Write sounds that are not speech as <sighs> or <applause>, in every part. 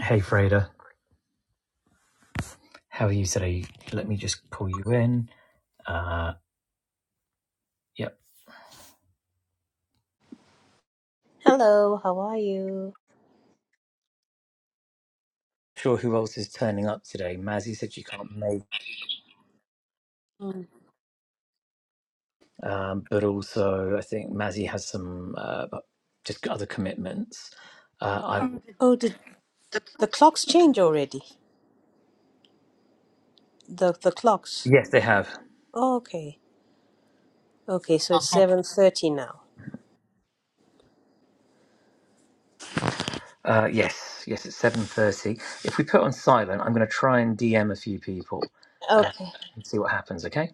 Hey, Freda. How are you today? Let me just pull you in. Uh, yep. Hello, how are you? Sure, who else is turning up today? Mazzy said she can't make, um, but also I think Mazzy has some uh, just other commitments. Uh, I, Oh, did the clocks change already? The the clocks. yes, they have. Oh, okay. Okay, so it's 7:30 now. Uh, yes, yes, it's seven thirty. If we put on silent, I'm going to try and DM a few people uh, Okay. and see what happens. Okay.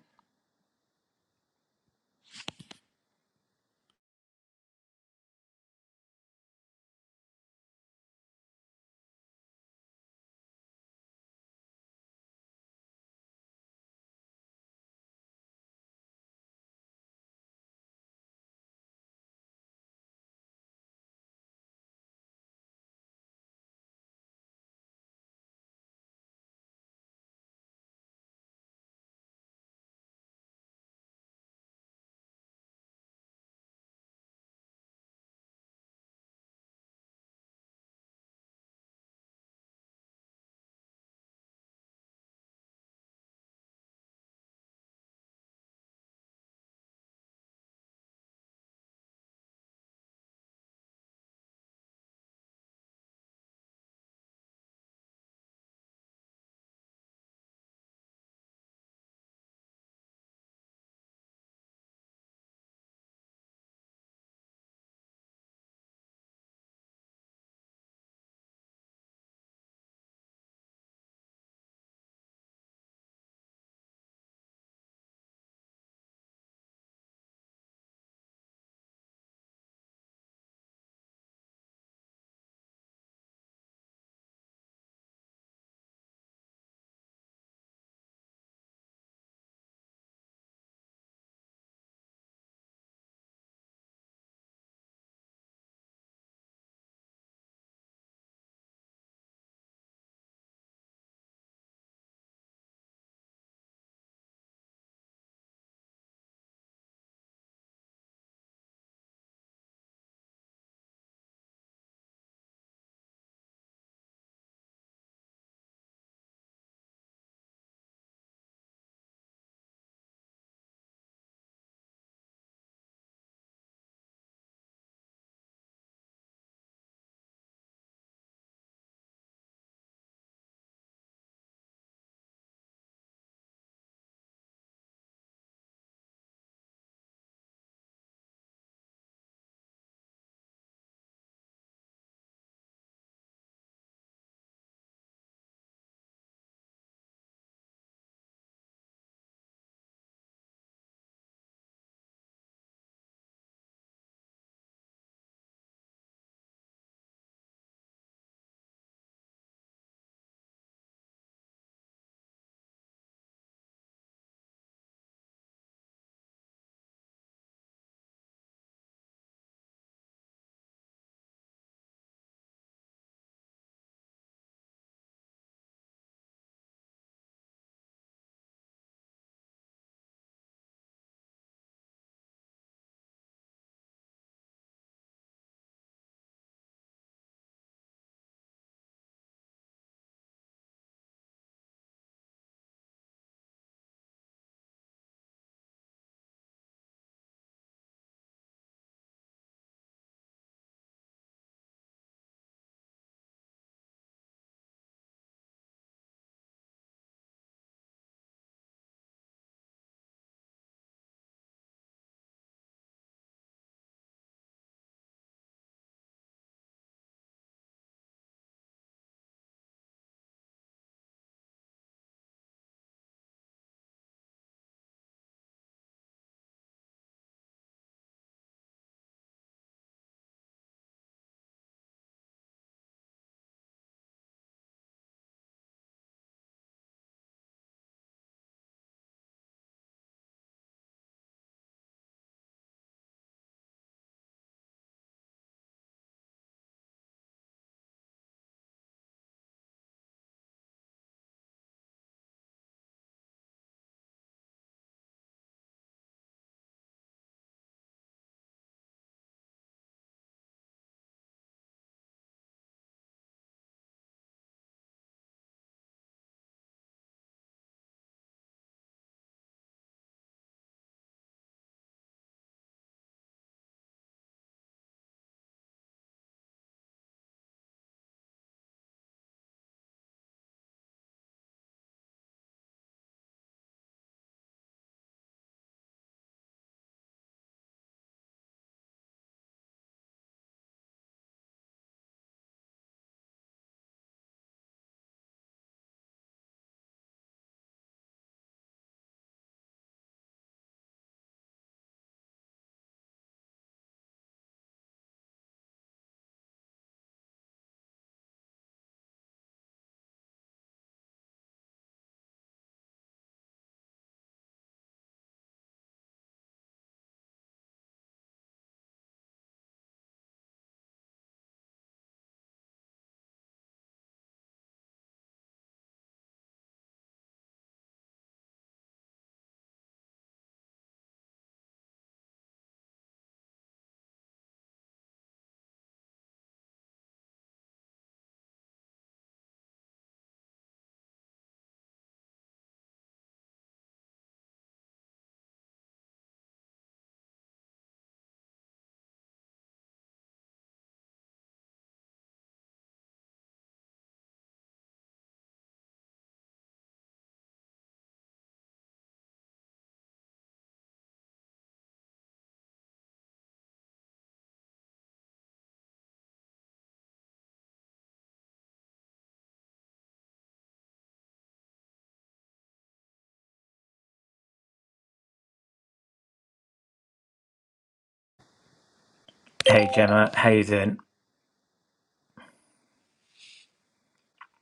Hey, Gemma. How you doing?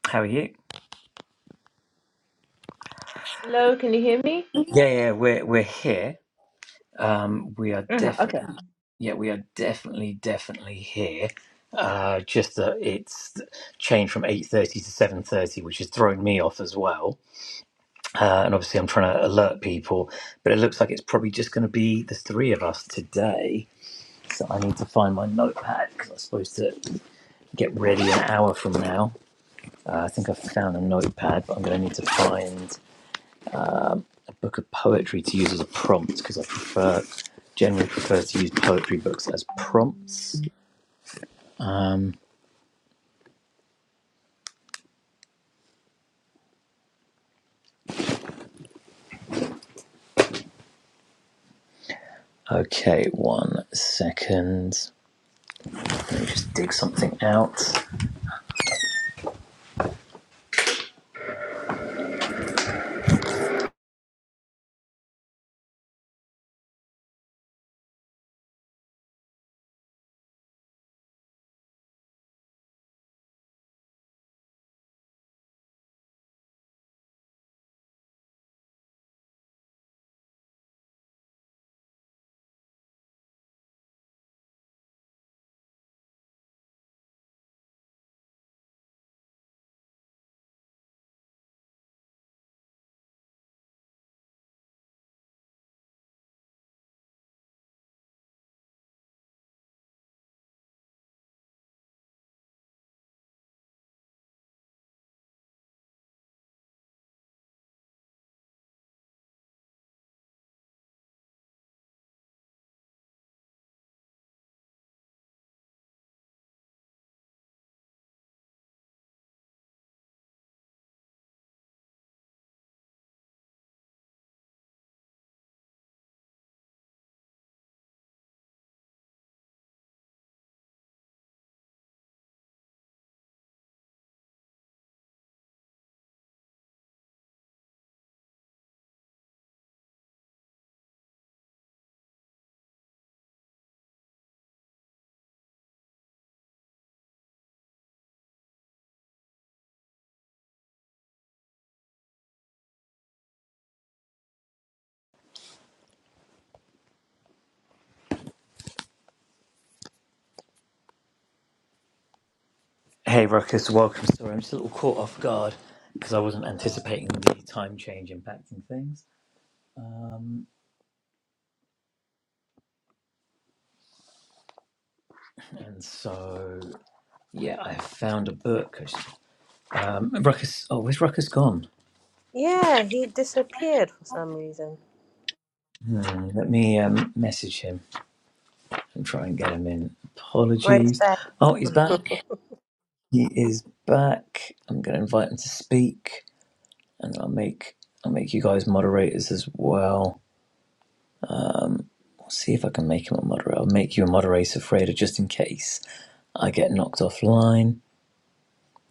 How are you? Hello, can you hear me? Yeah, yeah, we're we're here. Um, we are Uh-huh, okay. definitely, yeah, we are definitely, definitely here. Uh, just that it's changed from eight thirty to seven thirty, which has thrown me off as well. Uh, and obviously, I'm trying to alert people, but it looks like it's probably just going to be the three of us today. So I need to find my notepad because I'm supposed to get ready an hour from now. Uh, I think I've found a notepad, but I'm going to need to find book of poetry to use as a prompt because I prefer generally prefer to use poetry books as prompts. Okay, one second. Let me just dig something out. Hey Ruckus, welcome. Sorry, I'm just a little caught off guard because I wasn't anticipating the time change impacting things. And so, yeah, I found a book. Um, Ruckus, oh, where's Ruckus gone? Yeah, he disappeared for some reason. Hmm, let me um, message him and try and get him in. Right Apologies. back. Oh, he's <laughs> back. He is back. I'm going to invite him to speak, and I'll make I'll make you guys moderators as well. I'll see if I can make him a moderator. I'll make you a moderator, Freda, just in case I get knocked offline.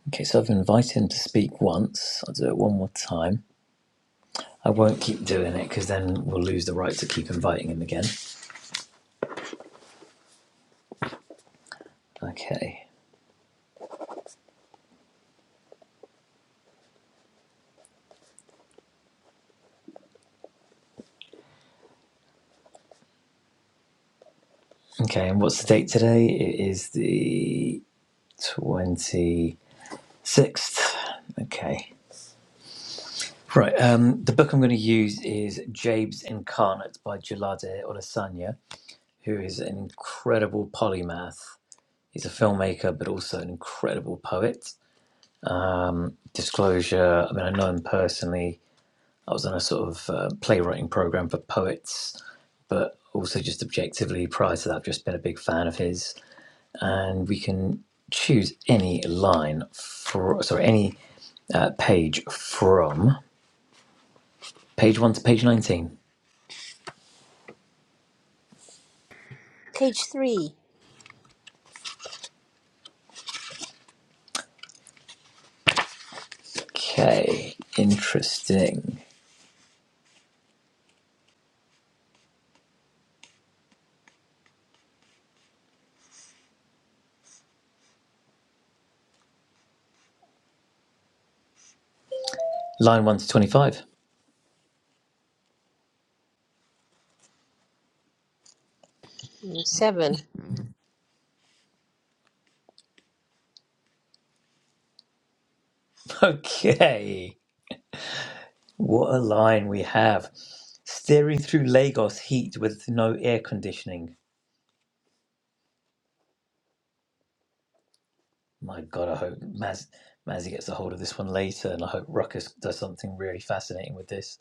Okay, so I've invited him to speak once. I'll do it one more time. I won't keep doing it because then we'll lose the right to keep inviting him again. Okay. Okay, and what's the date today? It is the 26th. Okay. Right. Um, the book I'm going to use is Jabe's Incarnate by Jalade Olasanya, who is an incredible polymath. He's a filmmaker, but also an incredible poet. Disclosure I mean, I know him personally. I was on a sort of uh, playwriting program for poets, but also just objectively prior to that, I've just been a big fan of his. And we can choose any line for, sorry, any uh, page from page one to page 19. Page 3, Okay, interesting. Line 1 to 25. <laughs> mm, 7. Okay, what a line we have. Steering through Lagos heat with no air conditioning. My God, I hope Maz, Mazzy gets a hold of this one later, and I hope Ruckus does something really fascinating with this.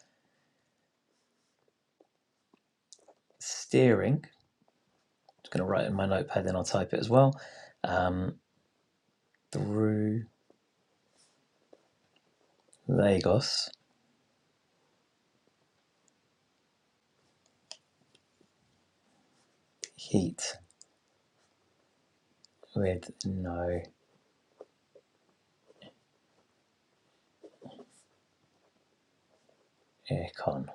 Steering, just going to write it in my notepad, then I'll type it as well. Um, through Lagos heat with no aircon.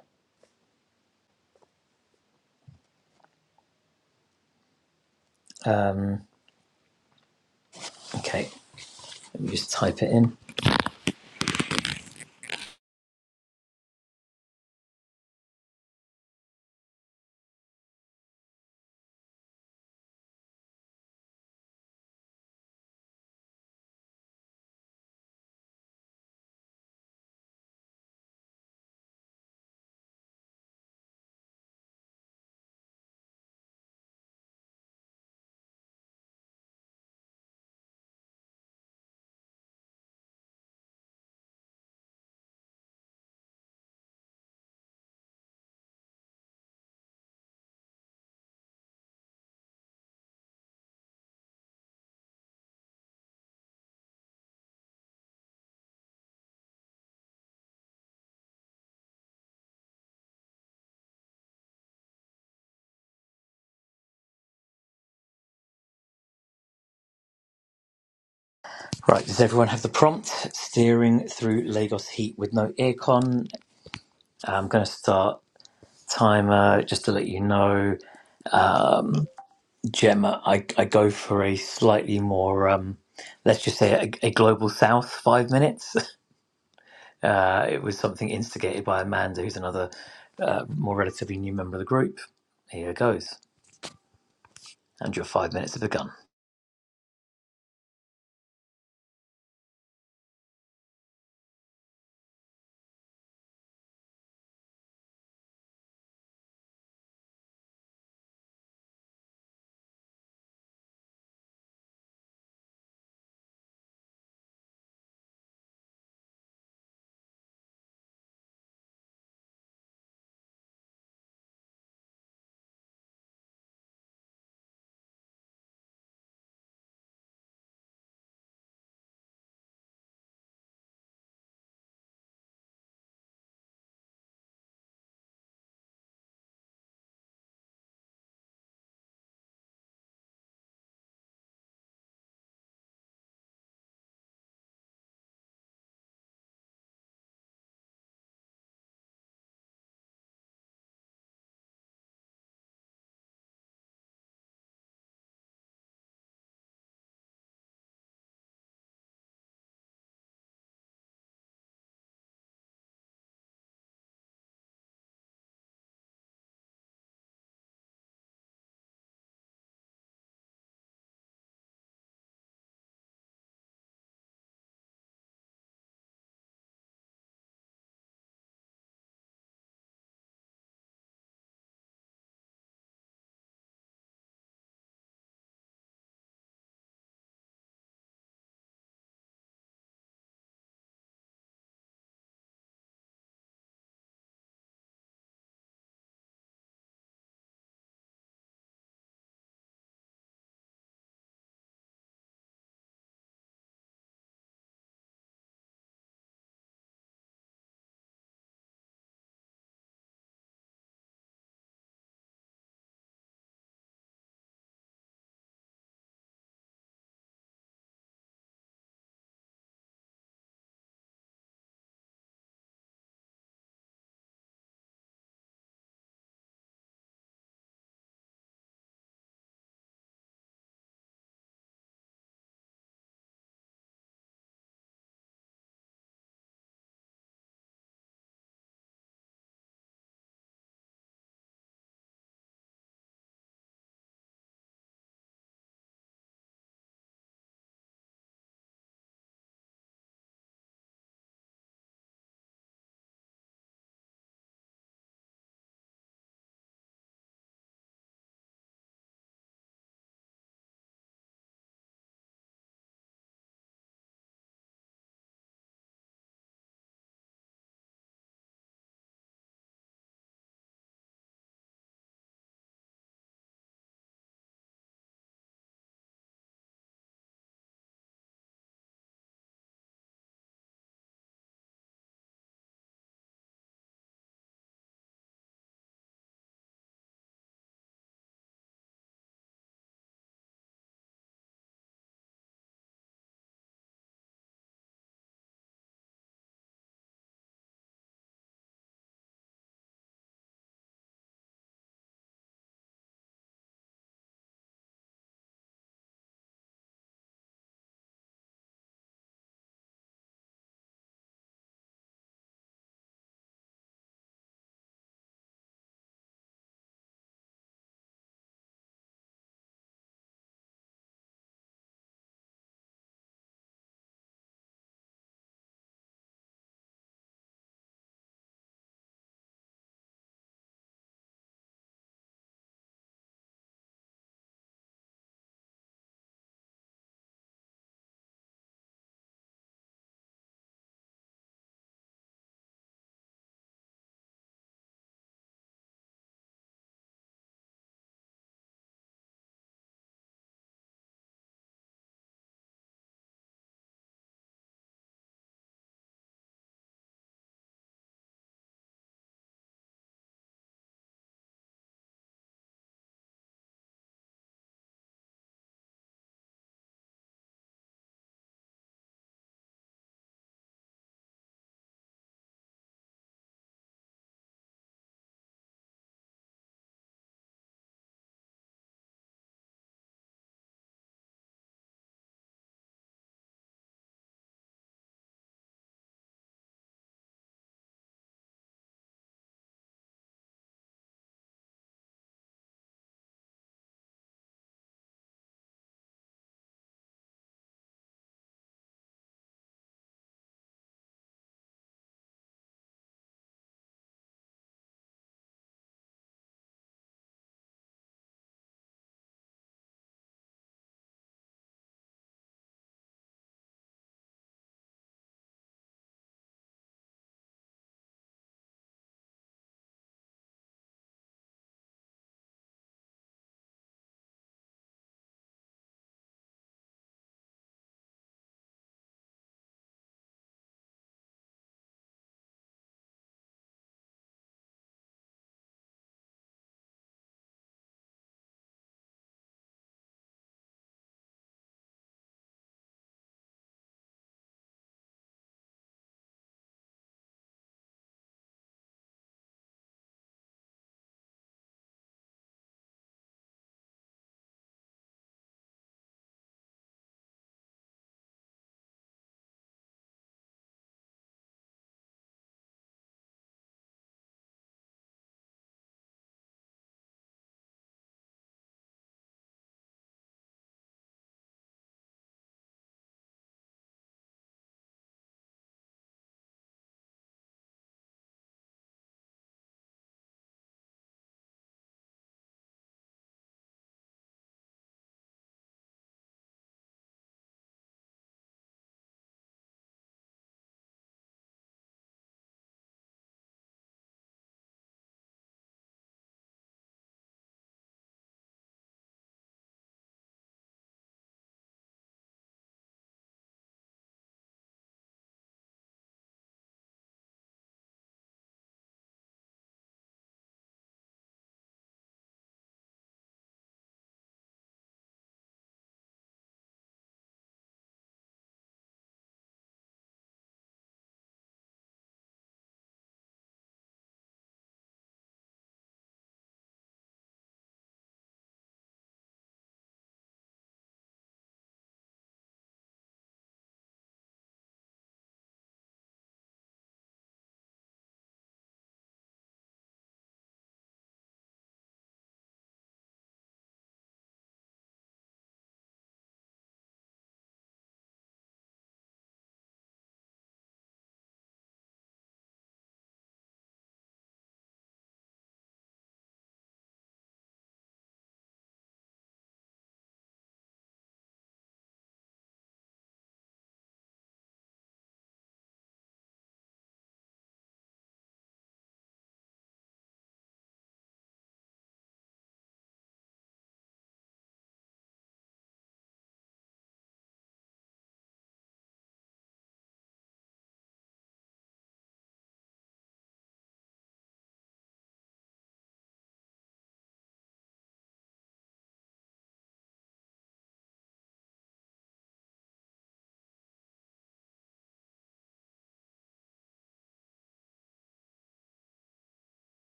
Um, okay, let me just type it in. Right, does everyone have the prompt? Steering through Lagos heat with no aircon. I'm going to start timer just to let you know. Um, Gemma, I, I go for a slightly more, um, let's just say, a, a global south five minutes. <laughs> Uh, it was something instigated by Amanda, who's another uh, more relatively new member of the group. Here goes. And your five minutes have begun.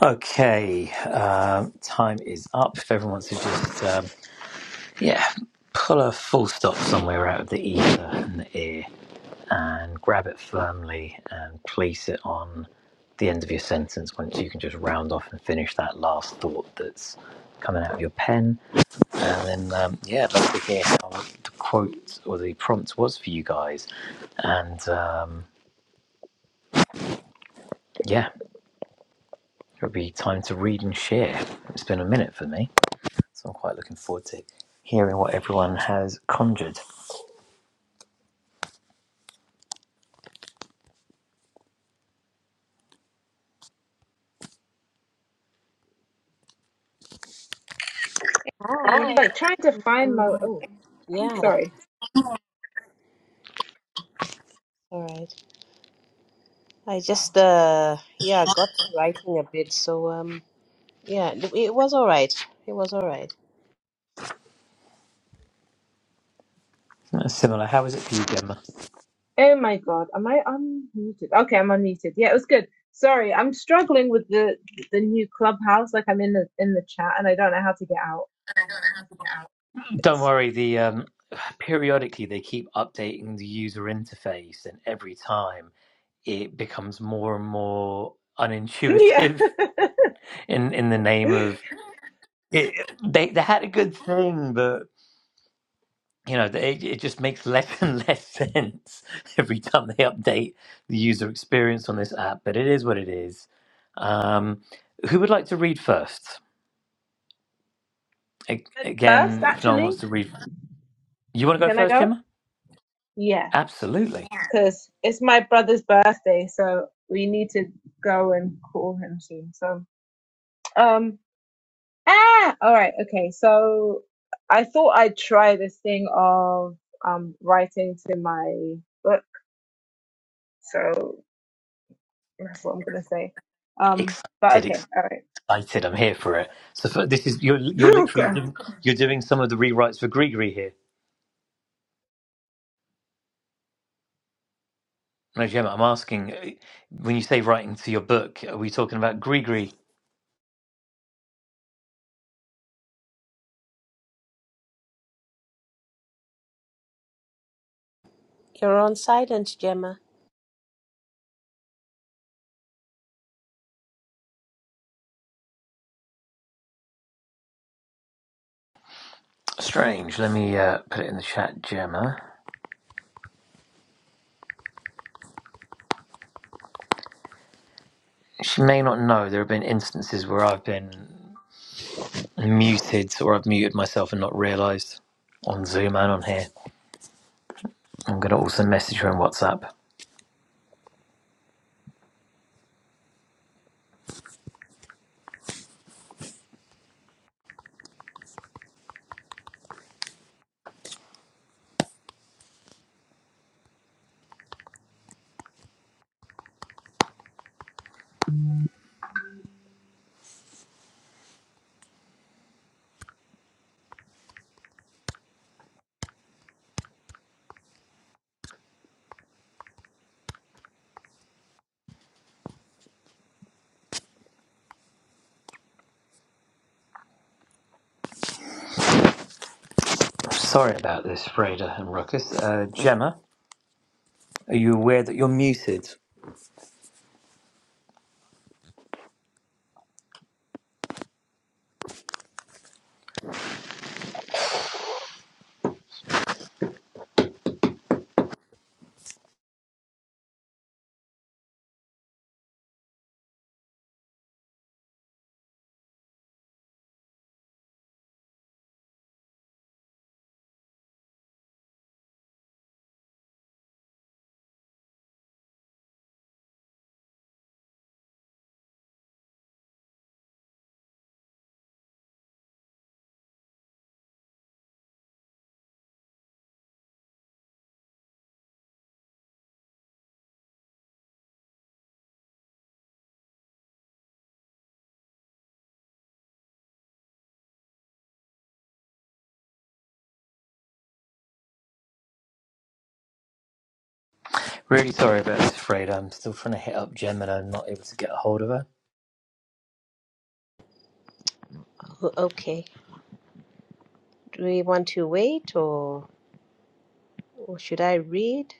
Okay, um, time is up. If everyone wants to just. um, Yeah, pull a full stop somewhere out of the ether and the ear and grab it firmly and place it on the end of your sentence once you can just round off and finish that last thought that's coming out of your pen. And then, um, yeah, I'd love to hear how the quote or the prompt was for you guys. And um, yeah, it'll be time to read and share. It's been a minute for me, so I'm quite looking forward to hearing what everyone has conjured. Hi. I'm like trying to find Mm, my. Oh, yeah, I guess sorry. all right. I just uh yeah, got to writing a bit. So um yeah, it, it was all right. It was all right. Uh, Similar, how is it for you, Gemma? Oh my God. Am I unmuted? Okay, I'm unmuted. Yeah, it was good. Sorry, I'm struggling with the the new clubhouse. Like I'm in the in the chat and I don't know how to get out. Don't It's- worry, the um, <sighs> periodically they keep updating the user interface, and every time it becomes more and more <laughs> unintuitive <laughs> in in the name yeah. of it. They they had a good thing, but you know they, it, it just makes less <laughs> and less sense every time they update the user experience on this app. But it is what it is. Um, who would like to read first? A- First, Again, if no one actually, wants to read, you want to go can I first, go? Gemma? Yeah, Absolutely. because it's my brother's birthday, so we need to go and call him soon. So, um. Ah, all right, okay. So I thought I'd try this thing of um writing to my book. So that's what I'm gonna say. Um, but Excited, okay, all right. <laughs> excited. I'm here for it. So for, this is you're you're Oh literally God. doing, you're doing some of the rewrites for Grigri here. No, Gemma, I'm asking uh, when you say writing to your book, are we talking about Grigri? You're on silent, Gemma. Strange. Let me uh, put it in the chat, Gemma. She may not know. There have been instances where I've been muted or I've muted myself and not realised on Zoom and on here. I'm going to also message her on WhatsApp. Sorry about this, Freda and Ruckus. Uh, Gemma, are you aware that you're muted? Really sorry about this, Fred. I'm still trying to hit up Gem and I'm not able to get a hold of her. O- Okay. Do we want to wait or Or should I read?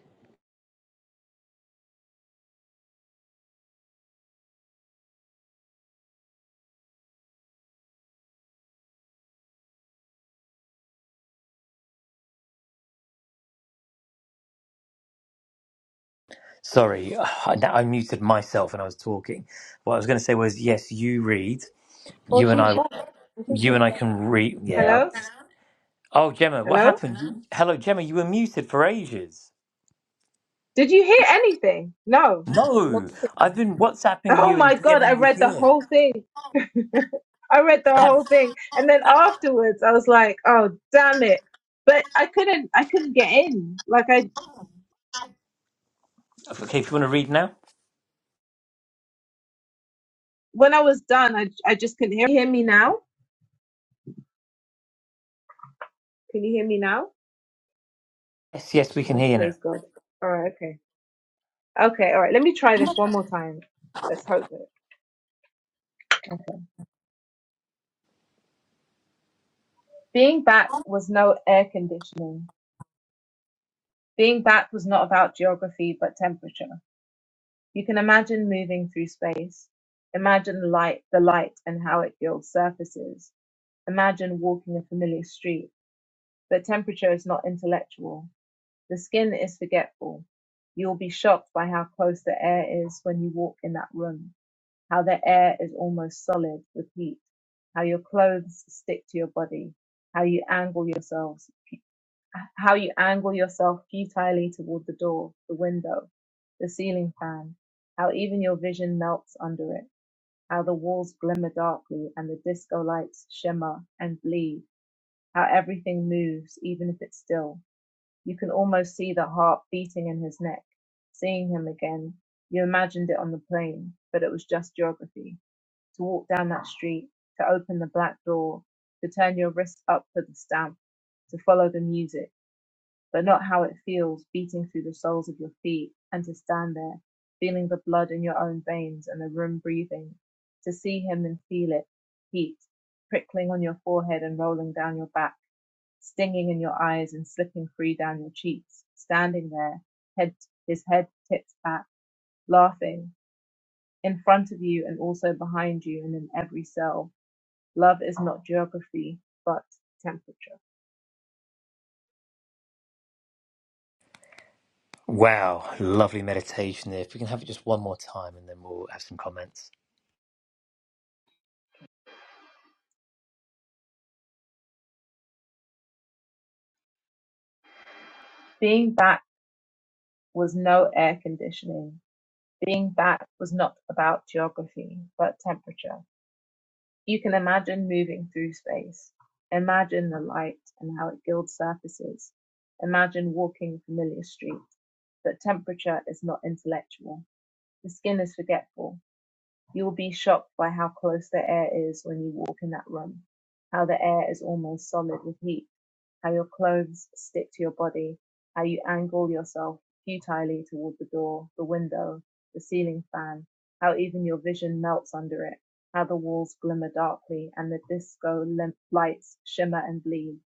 Sorry, <sighs> I, I muted myself when I was talking. What I was going to say was, yes, you read. Oh, You and she's I, back. I think you she's and I back. can read. Yeah. Hello? Oh, Gemma, what Hello? happened? You- Hello, Gemma. You were muted for ages. Did you hear anything? No. <laughs> No, Nothing. I've been WhatsApping Oh you and my God, I DMing you read the here. whole thing. <laughs> I read the I whole thing. And then afterwards I was like, oh damn it. But I couldn't I couldn't get in. Like I okay, if you want to read now. when I was done, I I just couldn't hear. Can you hear me now? Can you hear me now? Yes, yes, we can Oh, hear you now. praise God. All right, okay. Okay, all right. Let me try this one more time. Let's hope that. Being back was no air conditioning. Being back was not about geography, but temperature. You can imagine moving through space. Imagine light, the light and how it gilds surfaces. Imagine walking a familiar street. But temperature is not intellectual. The skin is forgetful. You'll be shocked by how close the air is when you walk in that room. how the air is almost solid with heat, how your clothes stick to your body, how you angle yourselves, how you angle yourself futilely toward the door, the window, the ceiling fan, how even your vision melts under it, how the walls glimmer darkly and the disco lights shimmer and bleed, how everything moves, even if it's still. You can almost see the heart beating in his neck, seeing him again. You imagined it on the plane, but it was just geography to walk down that street, to open the black door, to turn your wrist up for the stamp, to follow the music, but not how it feels beating through the soles of your feet, and to stand there, feeling the blood in your own veins and the room breathing, to see him and feel it, heat, prickling on your forehead and rolling down your back, stinging in your eyes and slipping free down your cheeks, standing there, head, his head tipped back, laughing, in front of you and also behind you and in every cell Love is not geography, but temperature. Wow, lovely meditation there. If we can have it just one more time, and then we'll have some comments. Being back was no air conditioning. Being back was not about geography, but temperature. You can imagine moving through space. Imagine the light and how it gilds surfaces. Imagine walking familiar streets. But temperature is not intellectual. The skin is forgetful. You will be shocked by how close the air is when you walk in that room, how the air is almost solid with heat how your clothes stick to your body, how you angle yourself futilely toward the door, the window, the ceiling fan, how even your vision melts under it, how the walls glimmer darkly and the disco lim- lights shimmer and bleed,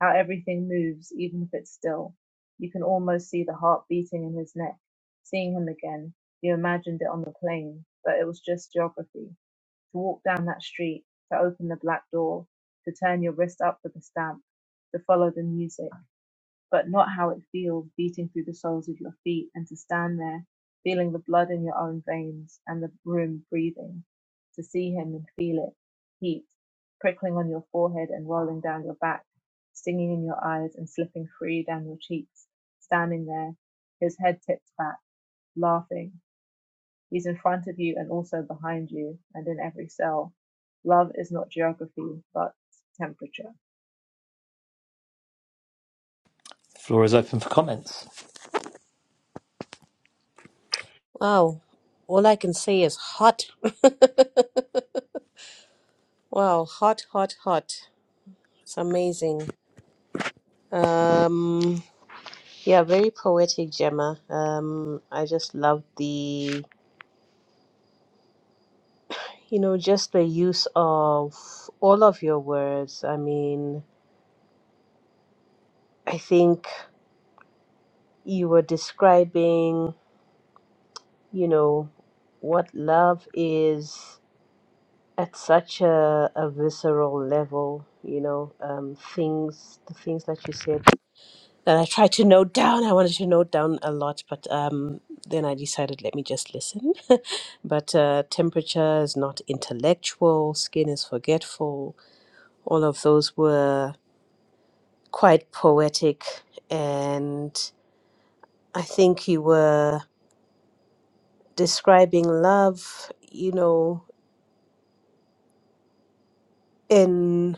how everything moves even if it's still. You can almost see the heart beating in his neck. Seeing him again, you imagined it on the plane, but it was just geography to walk down that street, to open the black door, to turn your wrist up for the stamp, to follow the music, but not how it feels beating through the soles of your feet, and to stand there, feeling the blood in your own veins and the room breathing, to see him and feel it, heat, prickling on your forehead and rolling down your back, stinging in your eyes and slipping free down your cheeks, standing there, his head tipped back, laughing, He's in front of you and also behind you and in every cell. Love is not geography, but temperature. Floor is open for comments. Wow. All I can say is hot. <laughs> Wow, hot, hot, hot. It's amazing. Um yeah, very poetic, Gemma. Um I just love the you know, just the use of all of your words. I mean, I think you were describing, you know, what love is at such a, a visceral level, you know, um, things, the things that you said that I tried to note down. I wanted to note down a lot, but um, then I decided let me just listen. <laughs> but uh, temperature is not intellectual, skin is forgetful. All of those were quite poetic. And I think you were describing love, you know, in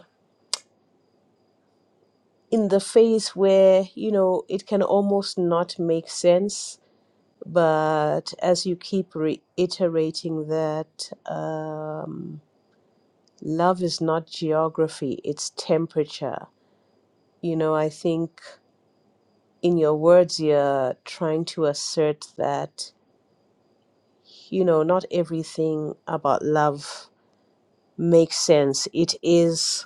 in the phase where you know it can almost not make sense but as you keep reiterating that um, love is not geography it's temperature you know i think in your words you're trying to assert that you know not everything about love makes sense it is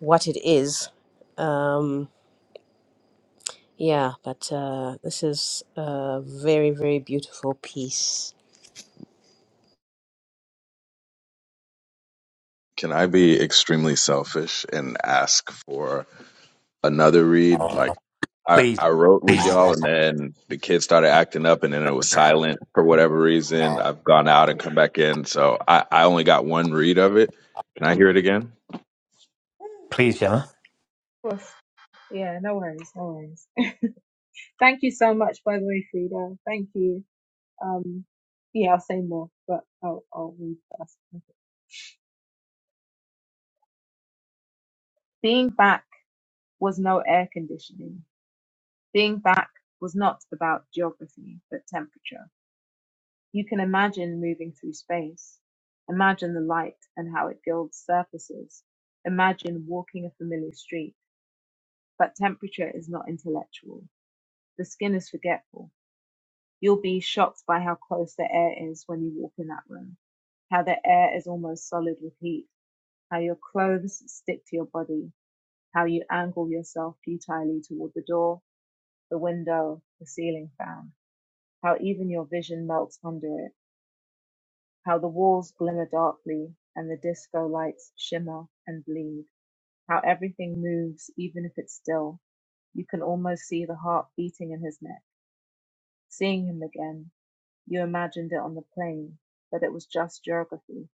what it is um, Yeah, but uh, this is a very, very beautiful piece. Can I be extremely selfish and ask for another read? Like, I, Please, I wrote with y'all, and then the kids started acting up, and then it was silent for whatever reason. I've gone out and come back in, so I, I only got one read of it. Can I hear it again? please, Gemma. Of course. Yeah, no worries, no worries. <laughs> Thank you so much, by the way, Frida. Thank you. Um, yeah, I'll say more, but I'll, I'll read first. Being back was no air conditioning. Being back was not about geography, but temperature. You can imagine moving through space. Imagine the light and how it gilds surfaces. Imagine walking a familiar street. But temperature is not intellectual. The skin is forgetful. You'll be shocked by how close the air is when you walk in that room, how the air is almost solid with heat, how your clothes stick to your body, how you angle yourself futilely toward the door, the window, the ceiling fan, how even your vision melts under it, how the walls glimmer darkly and the disco lights shimmer and bleed, how everything moves even if it's still. You can almost see the heart beating in his neck Seeing him again, you imagined it on the plane, but it was just geography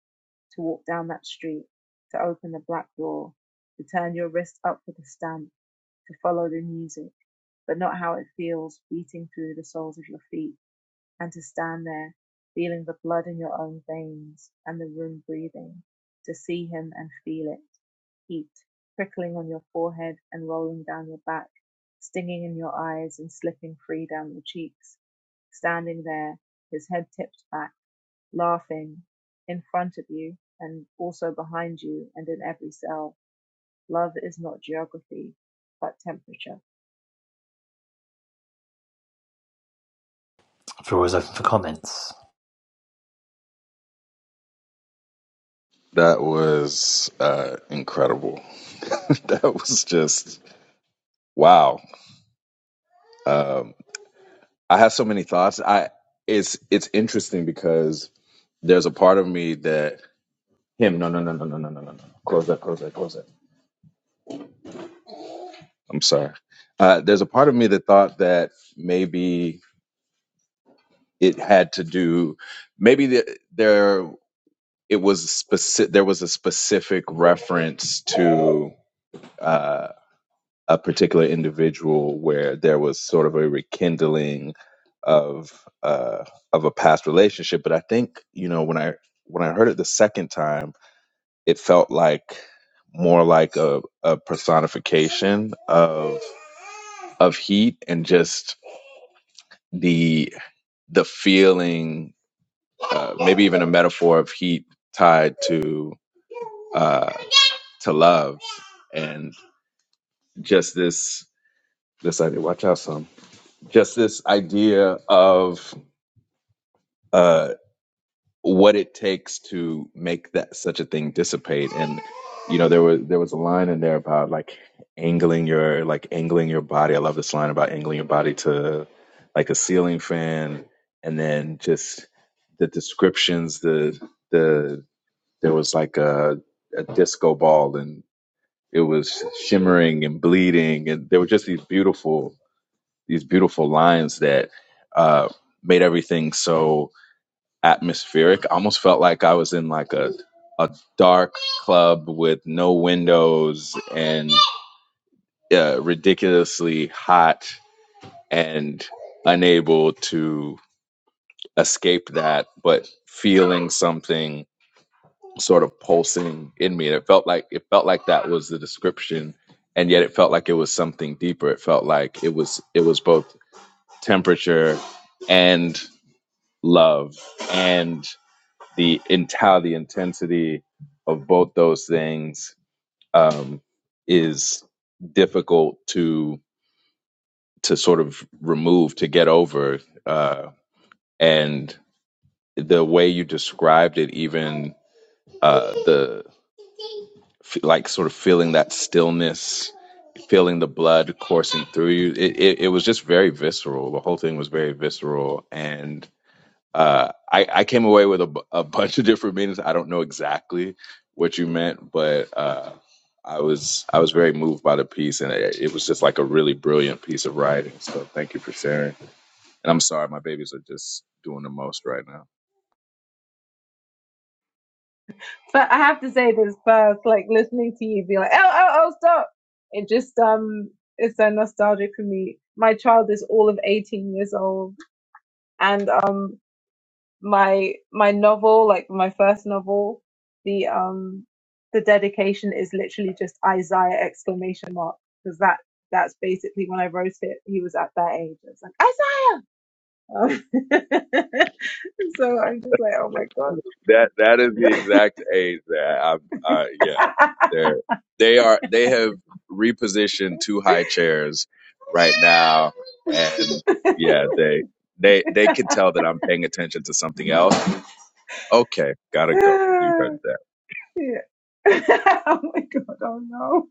to walk down that street, to open the black door, to turn your wrist up for the stamp, to follow the music, but not how it feels beating through the soles of your feet. And to stand there, feeling the blood in your own veins and the room breathing, to see him and feel it, heat prickling on your forehead and rolling down your back, stinging in your eyes and slipping free down your cheeks. Standing there, his head tipped back, laughing, in front of you and also behind you and in every cell. Love is not geography, but temperature. Floor is open for comments. That was uh, incredible. <laughs> that was just wow. Um, I have so many thoughts. I it's it's interesting because there's a part of me that him no no no no no no no no no close that close that close that. I'm sorry. Uh, there's a part of me that thought that maybe it had to do maybe the, there it was specific there was a specific reference to uh, a particular individual where there was sort of a rekindling of uh, of a past relationship. But I think you know when I when I heard it the second time, it felt like more like a, a personification of of heat and just the the feeling, uh, maybe even a metaphor of heat tied to uh, to love and just this this idea. Watch out, son just this idea of uh, what it takes to make that such a thing dissipate and you know there was there was a line in there about like angling your like angling your body i love this line about angling your body to like a ceiling fan and then just the descriptions the the there was like a, a disco ball and it was shimmering and bleeding and there were just these beautiful these beautiful lines that uh, made everything so atmospheric. I almost felt like I was in like a a dark club with no windows and uh, ridiculously hot and unable to escape that, but feeling something sort of pulsing in me. And it felt like it felt like that was the description, and yet it felt like it was something deeper. It felt like it was it was both temperature and love and the entire the intensity of both those things um, is difficult to to sort of remove to get over uh, and the way you described it even uh, the f- like sort of feeling that stillness feeling the blood coursing through you it, it, it was just very visceral the whole thing was very visceral and Uh, I, I came away with a, b- a bunch of different meanings. I don't know exactly what you meant, but uh, I was I was very moved by the piece, and it, it was just like a really brilliant piece of writing. So thank you for sharing. And I'm sorry, my babies are just doing the most right now. But I have to say this first, like listening to you be like, oh, oh, oh, stop. It just, um, it's so nostalgic for me. My child is all of 18 years old and, um, my, my novel, like my first novel, the, um, the dedication is literally just Isaiah exclamation mark because that, that's basically when I wrote it. He was at that age. It's like, Isaiah! Um, <laughs> so I'm just like, oh my That that is the exact age that I've. Uh, yeah, they're they are they have repositioned two high chairs right now, and God. yeah, they they they can tell that I'm paying attention to something else Okay, gotta go. You <laughs> heard that. Yeah. <laughs> oh my god, oh no.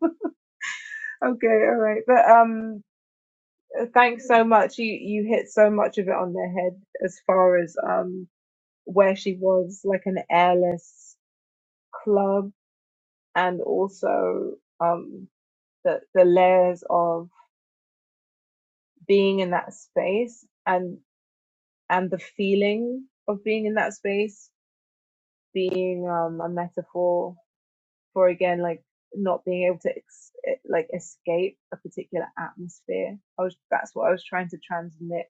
Okay, all right. But um thanks so much. You you hit so much of it on the head as far as um where she was like an airless club and also um the the layers of being in that space and and the feeling of being in that space being um a metaphor for again like not being able to ex- eh, like escape a particular atmosphere. I was that's what I was trying to transmit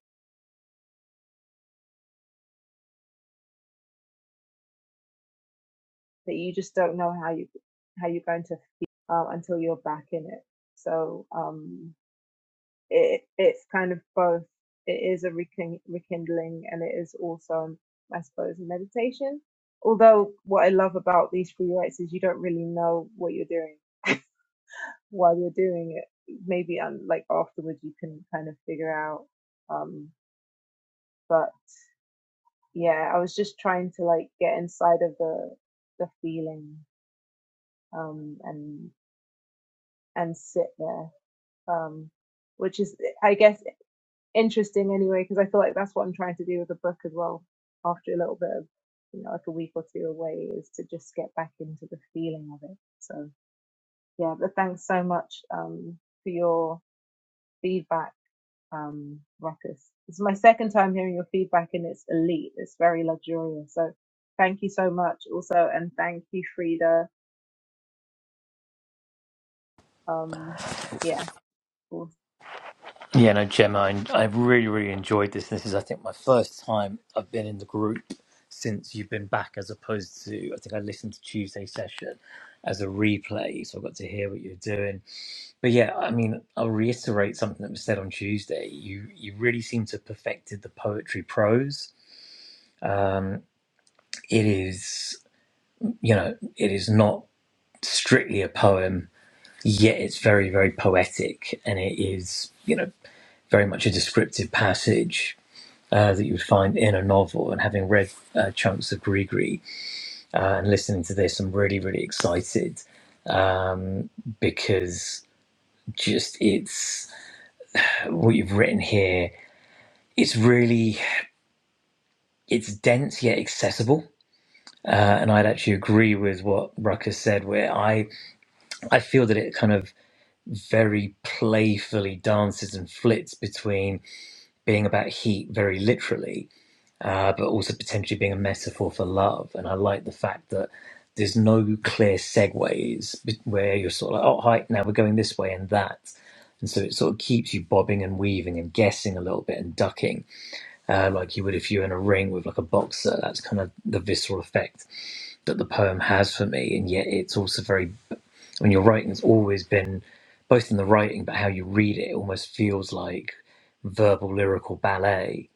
that you just don't know how you how you're going to feel um, until you're back in it. So um, it it's kind of both. It is a rekin- rekindling and it is also I suppose meditation. Although what I love about these free rights is you don't really know what you're doing while you're doing it. Maybe um, like afterwards you can kind of figure out. um, but yeah, I was just trying to like get inside of the the feeling um and and sit there um which is I guess interesting anyway because I feel like that's what I'm trying to do with the book as well after a little bit of you know like a week or two away is to just get back into the feeling of it so yeah but thanks so much um for your feedback um, ruckus. It's my second time hearing your feedback, and it's elite. It's very luxurious. So thank you so much, also, and thank you, Frida. Um, yeah, for- Yeah, no, Gemma, I, I really, really enjoyed this. This is, I think, my first time I've been in the group since you've been back, as opposed to, I think I listened to Tuesday's session as a replay, so I got to hear what you're doing. But yeah, I mean, I'll reiterate something that was said on Tuesday. You you really seem to have perfected the poetry prose. Um, it is, you know, it is not strictly a poem yet it's very, very poetic, and it is, you know, very much a descriptive passage uh, that you would find in a novel. And having read uh, chunks of Grigri uh, and listening to this, I'm really, really excited um, because just it's what you've written here. It's really it's dense yet accessible, uh, and I'd actually agree with what Rucker said. Where I I feel that it kind of very playfully dances and flits between. being about heat very literally, uh, but also potentially being a metaphor for love. And I like the fact that there's no clear segues where you're sort of like, oh, hi, now we're going this way and that. And so it sort of keeps you bobbing and weaving and guessing a little bit and ducking, uh, like you would if you're in a ring with like a boxer. That's kind of the visceral effect that the poem has for me. And yet it's also very, when you're writing, it's always been both in the writing, but how you read it, it almost feels like verbal lyrical ballet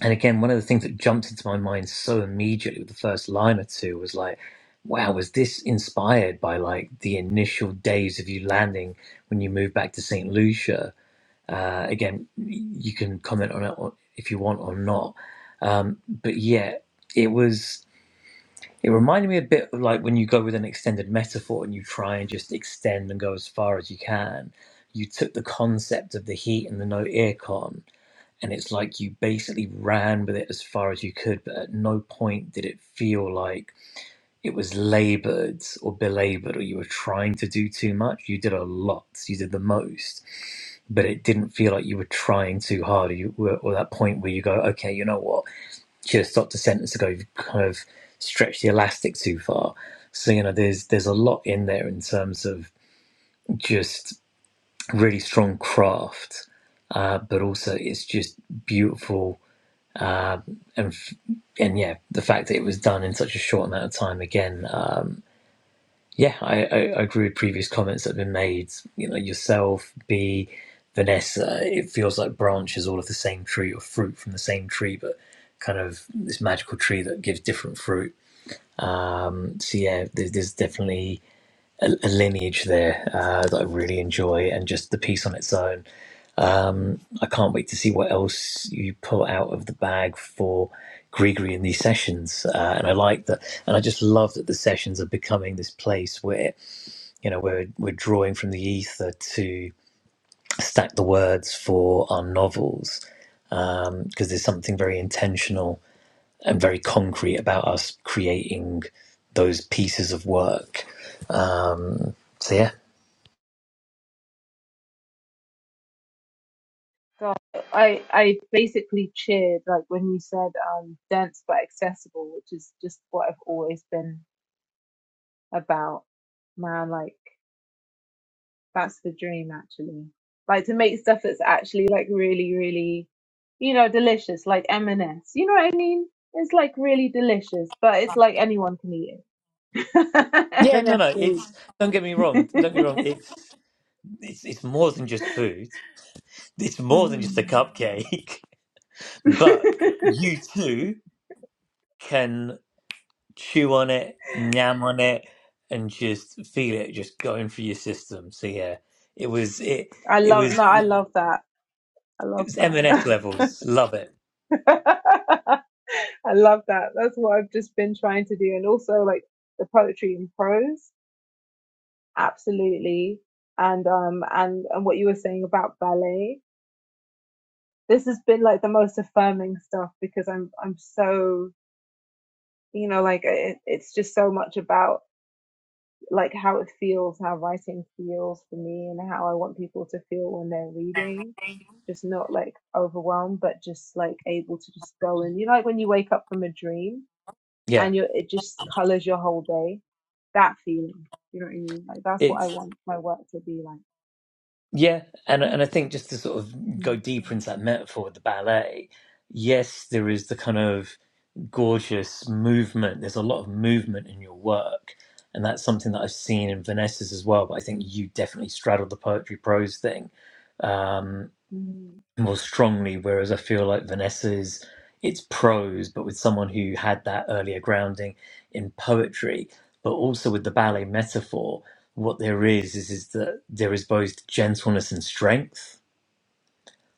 And again, one of the things that jumped into my mind so immediately with the first line or two was like, wow, was this inspired by like the initial days of you landing when you moved back to St. Lucia? Uh, again, you can comment on it or- if you want or not. Um, but yeah, it was, it reminded me a bit of like when you go with an extended metaphor and you try and just extend and go as far as you can. You took the concept of the heat and the no aircon and it's like you basically ran with it as far as you could, but at no point did it feel like it was labored or belabored or you were trying to do too much. You did a lot, you did the most, but it didn't feel like you were trying too hard or, you were, or that point where you go, okay, you know what, should have stopped a sentence ago, you've kind of stretched the elastic too far. So, you know, there's, there's a lot in there in terms of just really strong craft, uh, but also it's just beautiful Uh, and and yeah, the fact that it was done in such a short amount of time again, um, yeah, I, I, I agree with previous comments that have been made. You know, yourself, B, Vanessa, it feels like branches all of the same tree or fruit from the same tree, but kind of this magical tree that gives different fruit. Um, so yeah, there's, there's definitely a, a lineage there uh, that I really enjoy, and just the piece on its own. Um, I can't wait to see what else you pull out of the bag for Gregory in these sessions. Uh, and I like that. And I just love that the sessions are becoming this place where, you know, we're, we're drawing from the ether to stack the words for our novels. Because there's something very intentional and very concrete about us creating those pieces of work. So, yeah. God, I I basically cheered like when you said um, dense but accessible, which is just what I've always been about. Man, like. That's the dream, actually. Like to make stuff that's actually like really, really, you know, delicious, like M&S. You know what I mean? It's like really delicious, but it's like anyone can eat it. <laughs> Yeah, no, no. M&S food. It's don't get me wrong. <laughs> Don't get me wrong. It's it's, it's more than just food. It's more than just a Mhm. cupcake, <laughs> but <laughs> you too can chew on it, nyam on it, and just feel it just going through your system. So yeah, it was it I it love was no, I love that. I it love was that. M&S levels. Love it. <laughs> I love that. That's what I've just been trying to do, and also like the poetry and prose, absolutely. And um and and what you were saying about ballet, this has been like the most affirming stuff because I'm I'm so you know like it, it's just so much about like how it feels, how writing feels for me, and how I want people to feel when they're reading. Just not like overwhelmed, but just like able to just go and you know like when you wake up from a dream Yeah, and you it just colors your whole day. That feeling, you know what I mean? Like that's what I it's want my work to be like. yeah, and and I think just to sort of go deeper into that metaphor with the ballet. Yes, there is the kind of gorgeous movement. There's a lot of movement in your work, and that's something that I've seen in Vanessa's as well. But I think you definitely straddled the poetry prose thing um, Mhm. more strongly, whereas I feel like Vanessa's it's prose, but with someone who had that earlier grounding in poetry, but also with the ballet metaphor. What there is is is that there is both gentleness and strength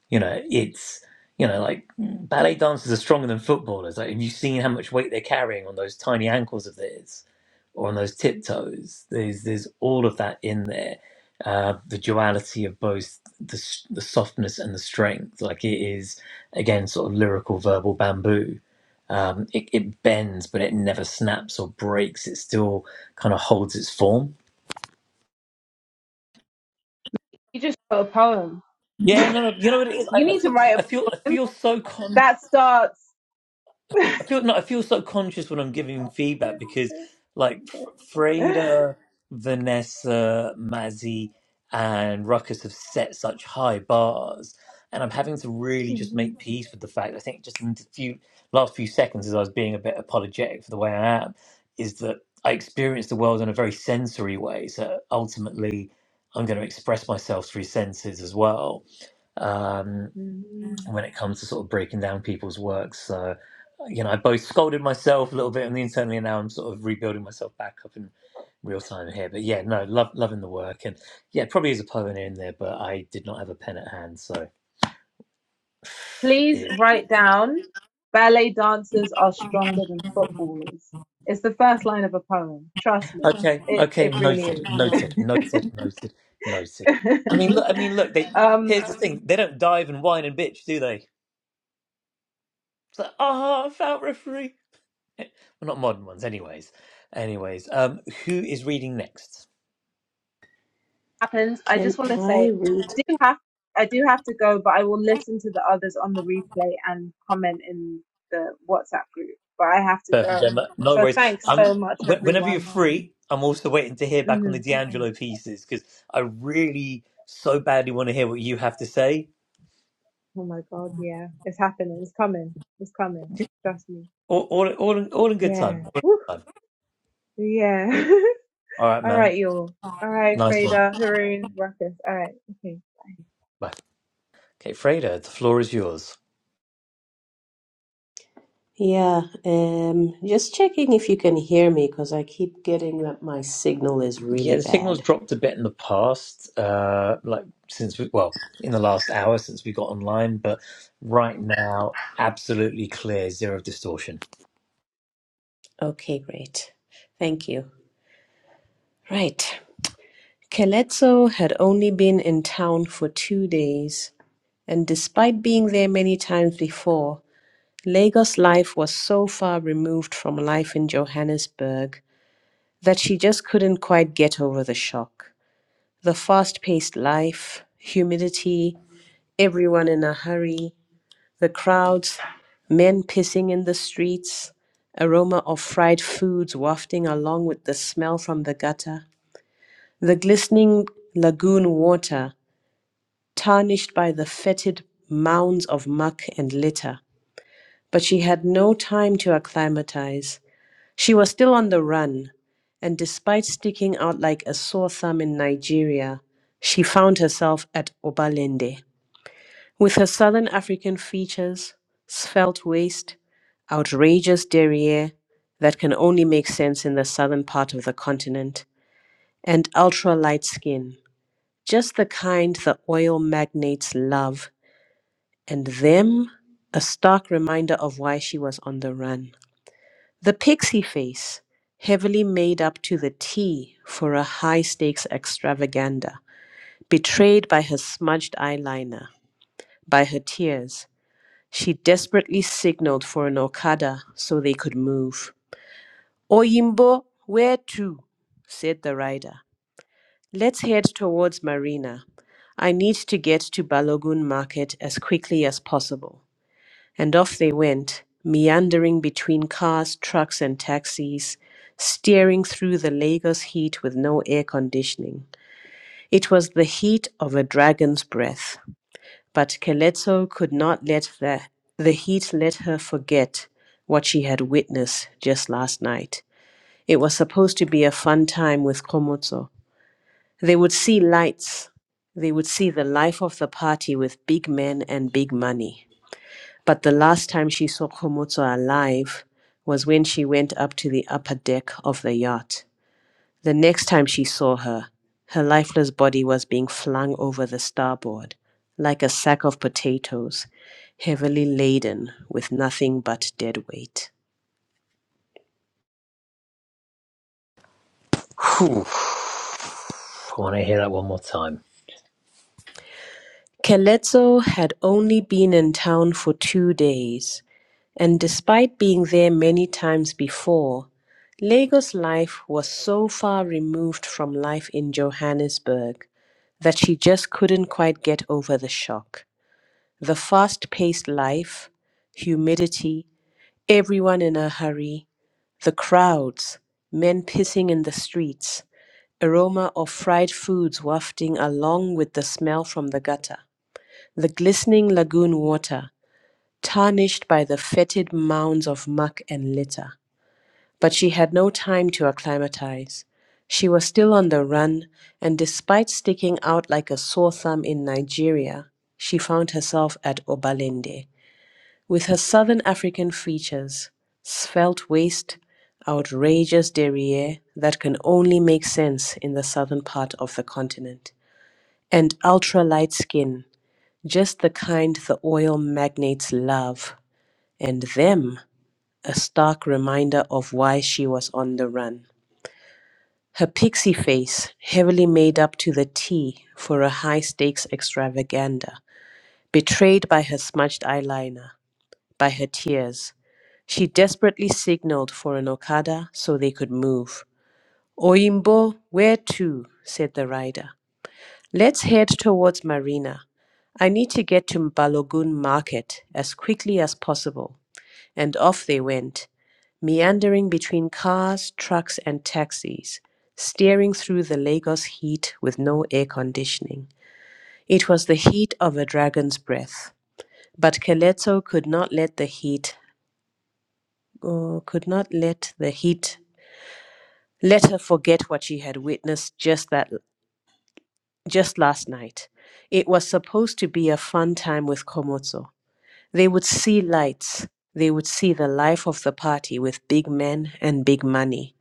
you know, it's you know like ballet dancers are stronger than footballers. Like, have you seen how much weight they're carrying on those tiny ankles of theirs, or on those tiptoes? There's there's all of that in there. Uh, the duality of both the, s- the softness and the strength. Like it is again sort of lyrical verbal bamboo. Um, it, it bends, but it never snaps or breaks. It still kind of holds its form. You just wrote a poem. Yeah, no, no. You know what it is? I, You I need to feel, write I feel, a I poem feel so con. that starts. <laughs> I feel no, I feel so conscious when I'm giving feedback because like F- <laughs> Freda, Vanessa, Mazzy, and Ruckus have set such high bars, and I'm having to really just make peace with the fact. I think just in the few last few seconds, as I was being a bit apologetic for the way I am, is that I experience the world in a very sensory way. So ultimately, I'm going to express myself through senses as well um, when it comes to sort of breaking down people's works. So, you know, I both scolded myself a little bit on the internally, and now I'm sort of rebuilding myself back up in real time here. But yeah, no, love loving the work, and yeah, probably is a poem in there, but I did not have a pen at hand, so Please it. write down ballet dancers are stronger than footballers. It's the first line of a poem. Trust me. Okay, It okay, it noted, really is. noted, noted, noted, noted. I mean, look, I mean, look. They <laughs> um here's the thing: they don't dive and whine and bitch, do they? It's like, ah, oh, I felt refereed. <laughs> well, not modern ones, anyways. Anyways, um, who is reading next? happens. I Can just want to say I read? I do have I do have to go, but I will listen to the others on the replay and comment in the WhatsApp group. But I have to Perfect, go. Gemma. No So worries. thanks Um, so much, wh- <laughs> whenever you're everyone. free, I'm also waiting to hear back on hmm the D'Angelo pieces because I really so badly want to hear what you have to say. Oh my God, yeah, it's happening. It's coming. It's coming. Trust me. All, all, all, in, all in good time. Yeah. All in good Woo. time. Yeah. <laughs> All right, All man. right, y'all. All right, Nice one. Freda, Haroon, Ruckus. All right. Okay. <laughs> Bye. Okay, Freda, the floor is yours. Yeah, um, just checking if you can hear me because I keep getting that my signal is Yeah, really the signal's bad. dropped a bit in the past, uh, like since we, well, in the last hour since we got online, but right now, absolutely clear, zero distortion. Okay, great. Thank you. Right. Kelezzo had only been in town for two days, and despite being there many times before, Lagos life was so far removed from life in Johannesburg that she just couldn't quite get over the shock. the fast paced life, humidity, everyone in a hurry, the crowds, men pissing in the streets, aroma of fried foods wafting along with the smell from the gutter, the glistening lagoon water tarnished by the fetid mounds of muck and litter. But she had no time to acclimatize. She was still on the run, and despite sticking out like a sore thumb in Nigeria, she found herself at Obalende. With her southern African features, svelte waist, outrageous derriere that can only make sense in the southern part of the continent, and ultra light skin, just the kind the oil magnates love, and them a stark reminder of why she was on the run. The pixie face, heavily made up to the T for a high stakes extravaganza, betrayed by her smudged eyeliner, by her tears, she desperately signaled for an Okada so they could move. Oyimbo, where to? said the rider. Let's head towards Marina. I need to get to Balogun Market as quickly as possible. And off they went, meandering between cars, trucks, and taxis, steering through the Lagos heat with no air conditioning. It was the heat of a dragon's breath, but Keleto could not let the, the heat let her forget what she had witnessed just last night. It was supposed to be a fun time with Komotso. They would see lights. They would see the life of the party with big men and big money. But the last time she saw Komoto alive was when she went up to the upper deck of the yacht. The next time she saw her, her lifeless body was being flung over the starboard like a sack of potatoes, heavily laden with nothing but dead weight. Whew. I want to hear that one more time. Kelezzo had only been in town for two days, and despite being there many times before, Lagos life was so far removed from life in Johannesburg that she just couldn't quite get over the shock. The fast paced life, humidity, everyone in a hurry, the crowds, men pissing in the streets, aroma of fried foods wafting along with the smell from the gutter. The glistening lagoon water, tarnished by the fetid mounds of muck and litter. But she had no time to acclimatize. She was still on the run, and despite sticking out like a sore thumb in Nigeria, she found herself at Obalende. With her southern African features, svelte waist, outrageous derriere that can only make sense in the southern part of the continent, and ultra light skin just the kind the oil magnates love, and them a stark reminder of why she was on the run. Her pixie face, heavily made up to the T for a high stakes extravaganza, betrayed by her smudged eyeliner, by her tears. She desperately signaled for an Okada so they could move. Oimbo, where to? said the rider. Let's head towards Marina. I need to get to Mbalogun Market as quickly as possible. And off they went, meandering between cars, trucks, and taxis, steering through the Lagos heat with no air conditioning. It was the heat of a dragon's breath. But Keletso could not let the heat, oh, could not let the heat, let her forget what she had witnessed just that just last night. It was supposed to be a fun time with Komoto. They would see lights, they would see the life of the party with big men and big money.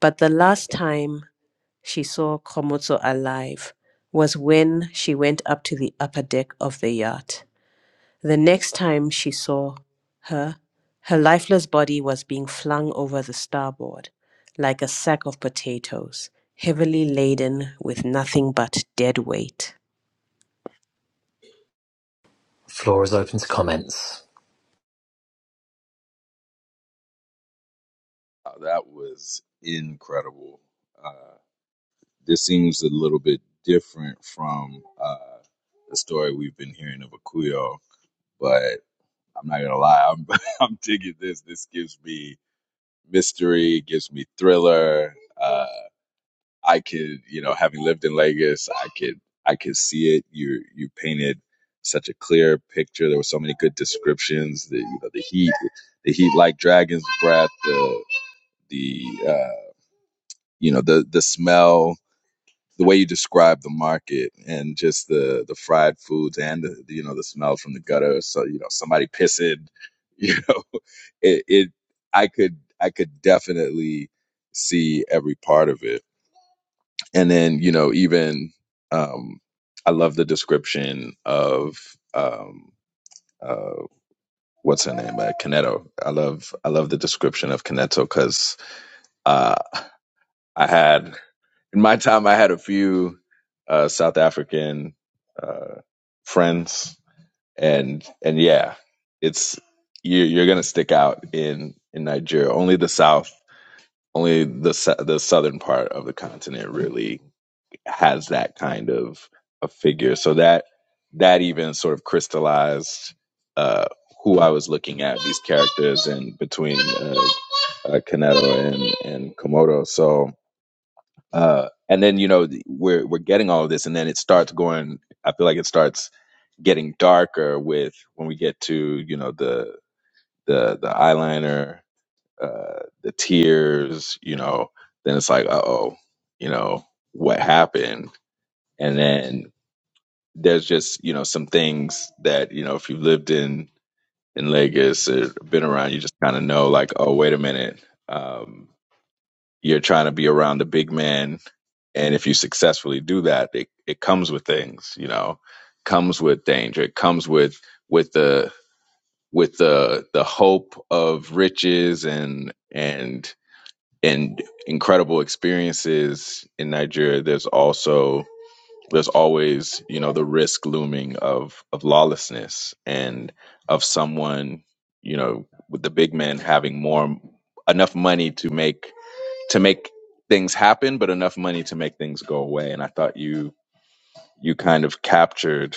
But the last time she saw Komoto alive was when she went up to the upper deck of the yacht. The next time she saw her, her lifeless body was being flung over the starboard like a sack of potatoes, heavily laden with nothing but dead weight. Floor is open to comments. Wow, that was incredible. Uh, this seems a little bit different from uh, the story we've been hearing of Akuyo, but I'm not gonna lie, I'm <laughs> I'm digging this. This gives me mystery, gives me thriller. Uh, I could, you know, having lived in Lagos, I could I could see it. You you painted such a clear picture. There were so many good descriptions. The you know the heat, the heat like dragon's breath. The the uh, you know the the smell, the way you describe the market, and just the the fried foods and the you know the smell from the gutter. So you know somebody pissing, you know, <laughs> it, it I could I could definitely see every part of it, and then you know even um, I love the description of. Um, uh, what's her name? Uh, Kineto. I love I love the description of Canetto because uh, I had in my time, I had a few uh, South African uh, friends, and and yeah, it's you're, you're gonna stick out in in Nigeria. Only the South, only the sou- the southern part of the continent really has that kind of a figure. So that that even sort of crystallized uh, who I was looking at these characters and between uh, uh, Kaneto and and Komodo. So uh, and then you know the- we're we're getting all of this, and then it starts going. I feel like it starts getting darker with when we get to you know the the the eyeliner, uh, the tears. You know, then it's like, uh oh, you know what happened, and then there's just you know some things that you know if you've lived in in Lagos or been around, you just kind of know like, oh wait a minute, um, you're trying to be around the big man and if you successfully do that it, it comes with things you know comes with danger it comes with with the with the the hope of riches and and and incredible experiences in Nigeria there's also there's always you know the risk looming of of lawlessness and of someone you know with the big men having more enough money to make to make things happen, but enough money to make things go away. And I thought you you kind of captured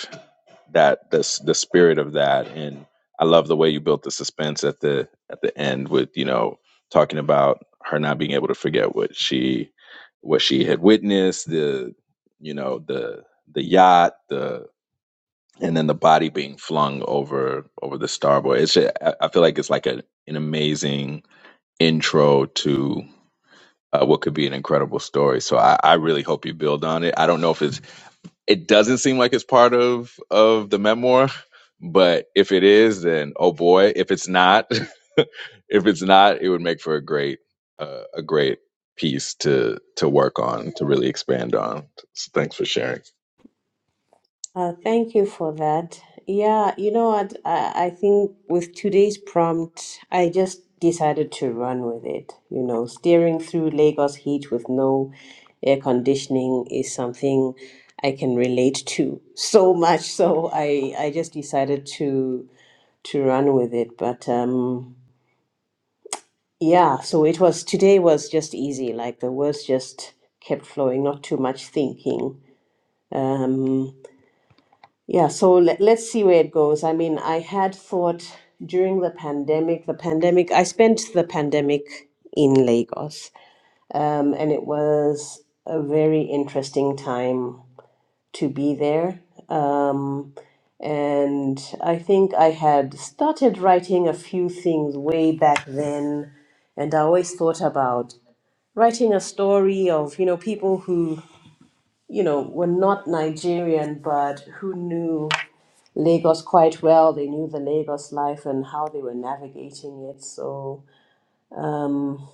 that this the spirit of that. And I love the way you built the suspense at the at the end with you know talking about her not being able to forget what she what she had witnessed the you know the the yacht the and then the body being flung over over the starboard it's ju- I feel like it's like a, an amazing intro to uh, what could be an incredible story. So I, I really hope you build on it. I don't know if it's it doesn't seem like it's part of of the memoir, but if it is, then oh boy. If it's not, <laughs> if it's not, it would make for a great uh, a great piece to to work on to really expand on. So thanks for sharing. Uh, thank you for that. Yeah, you know what? I, I think with today's prompt, I just decided to run with it. You know, steering through Lagos heat with no air conditioning is something I can relate to so much. So I, I just decided to to run with it. But um, yeah, so it was today was just easy. Like the words just kept flowing, not too much thinking. Um, yeah, so let, let's see where it goes. I mean, I had thought during the pandemic, the pandemic, I spent the pandemic in Lagos, um, and it was a very interesting time to be there. Um, and I think I had started writing a few things way back then, and I always thought about writing a story of, you know, people who, you know, were not Nigerian, but who knew Lagos quite well. They knew the Lagos life and how they were navigating it. So, um,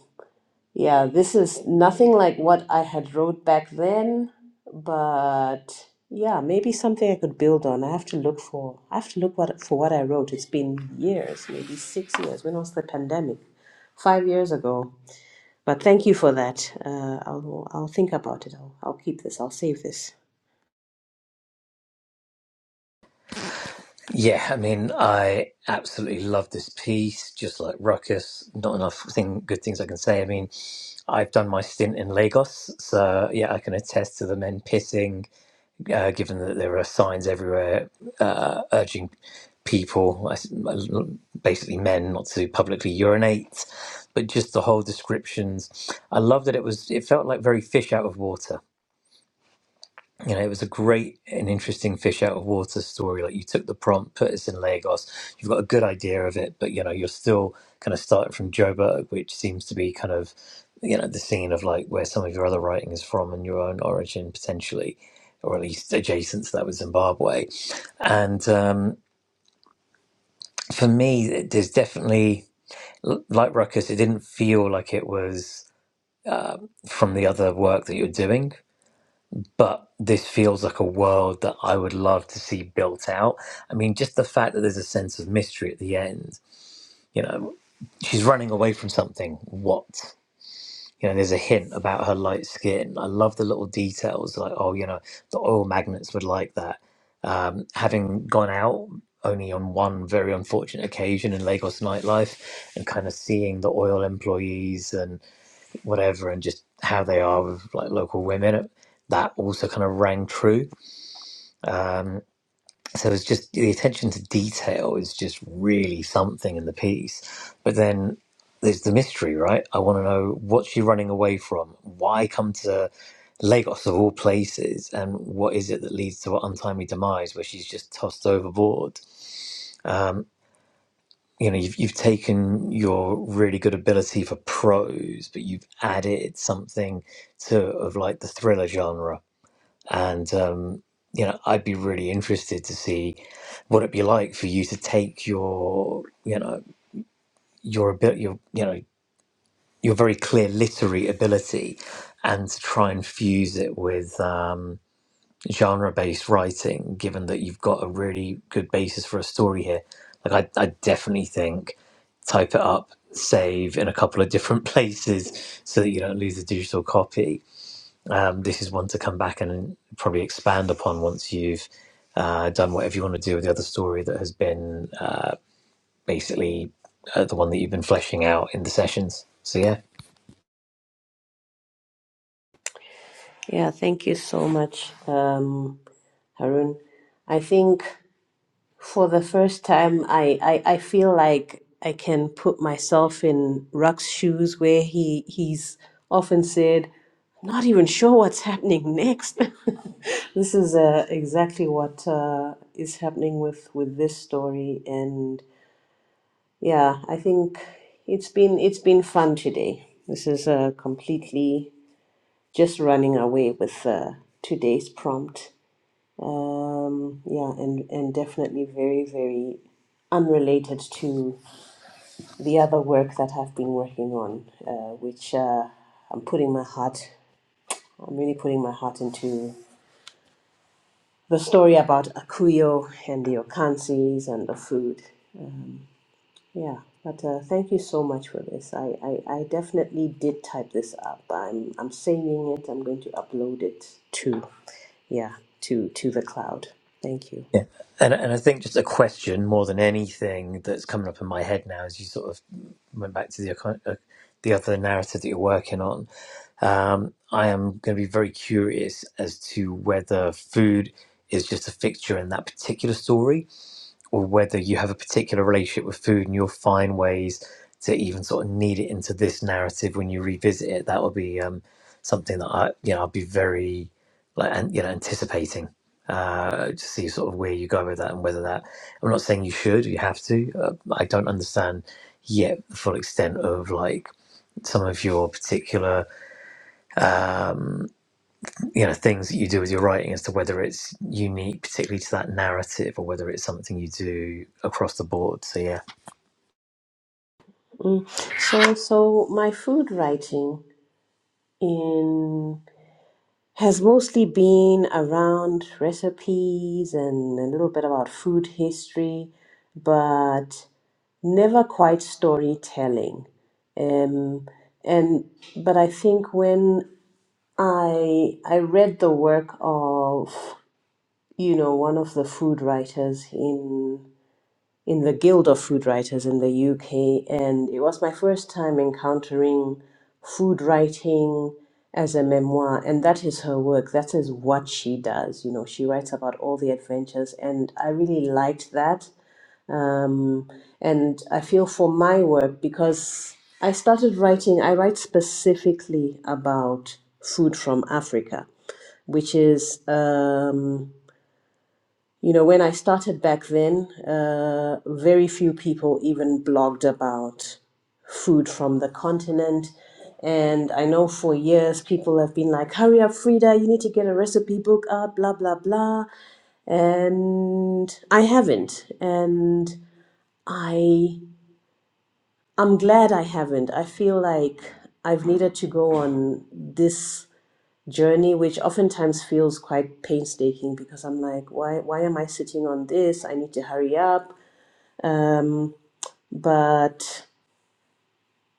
yeah, this is nothing like what I had wrote back then, but yeah, maybe something I could build on. I have to look for. I have to look what for what I wrote. It's been years, maybe six years. When was the pandemic? Five years ago. But thank you for that. Uh, I'll I'll think about it. I'll I'll keep this. I'll save this. Yeah, I mean, I absolutely love this piece, just like Ruckus. Not enough thing, good things I can say. I mean, I've done my stint in Lagos, so yeah, I can attest to the men pissing uh, given that there are signs everywhere uh, urging people, I s- uh, basically men, not to publicly urinate, but just the whole descriptions. I love that it was. It felt like very fish out of water you know, it was a great and interesting fish out of water story. Like you took the prompt, put us in Lagos, you've got a good idea of it, but you know, you're still kind of starting from Joburg, which seems to be kind of, you know, the scene of like where some of your other writing is from and your own origin potentially, or at least adjacent to that with Zimbabwe. And um, for me, it- there's definitely, like Ruckus, it didn't feel like it was from the other work that you're doing but this feels like a world that I would love to see built out. I mean, just the fact that there's a sense of mystery at the end. You know, she's running away from something. What? You know, there's a hint about her light skin. I love the little details, like oh, you know, the oil magnets would like that. Um, having gone out only on one very unfortunate occasion in Lagos nightlife, and kind of seeing the oil employees and whatever, and just how they are with like local women, that also kind of rang true um, so it's just the attention to detail is just really something in the piece. But then there's the mystery, right? I want to know what's she running away from? Why come to Lagos of all places? And what is it that leads to her untimely demise where she's just tossed overboard? Um, you know, you've, you've taken your really good ability for prose, but you've added something to of like the thriller genre and um, you know I'd be really interested to see what it'd be like for you to take your you know your ability your you know your very clear literary ability and to try and fuse it with um, genre based writing given that you've got a really good basis for a story here like I, I definitely think type it up save in a couple of different <laughs> places so that you don't lose the digital copy um, this is one to come back and probably expand upon once you've uh, done whatever you want to do with the other story that has been uh, basically uh, the one that you've been fleshing out in the sessions. So yeah, Yeah, thank you so much, um, Harun. I think. for the first time I, I i feel like i can put myself in ruck's shoes where he he's often said "I'm not even sure what's happening next <laughs> this is uh, exactly what uh, is happening with with this story and yeah i think it's been it's been fun today this is uh, completely just running away with uh, today's prompt um, yeah, and, and definitely very, very unrelated to the other work that I've been working on, uh, which uh, I'm putting my heart, I'm really putting my heart into the story about Akuyo and the Okansis and the food. Yeah, but uh, thank you so much for this. I, I, I definitely did type this up. I'm, I'm saving it, I'm going to upload it to, yeah, to, to the cloud. Thank you. yeah. And and I think just a question more than anything that's coming up in my head now as you sort of went back to the icon- uh, the other narrative that you're working on. Um, I am going to be very curious as to whether food is just a fixture in that particular story or whether you have a particular relationship with food and you'll find ways to even sort of knead it into this narrative when you revisit it. That would be um, something that I, you know, i would be very like, and you know, anticipating uh, to see sort of where you go with that and whether that. I'm not saying you should, you have to. Uh, I don't understand yet the full extent of like some of your particular um, you know things that you do with your writing as to whether it's unique particularly to that narrative or whether it's something you do across the board so yeah Mm. So, so my food writing in has mostly been around recipes and a little bit about food history, but never quite storytelling. Um, and but I think when I I read the work of you know one of the food writers in in the Guild of Food Writers in the UK, and it was my first time encountering food writing as a memoir, and that is her work. That is what she does. You know, she writes about all the adventures, and I really liked that. Um, and I feel for my work because I started writing, I write specifically about food from Africa, which is. Um, you know, when I started back then, uh, very few people even blogged about food from the continent. And I know for years people have been like, hurry up, Frida, you need to get a recipe book out, blah, blah, blah. And I haven't. And I, I'm glad I haven't. I feel like I've needed to go on this journey which oftentimes feels quite painstaking because i'm like why why am i sitting on this i need to hurry up um but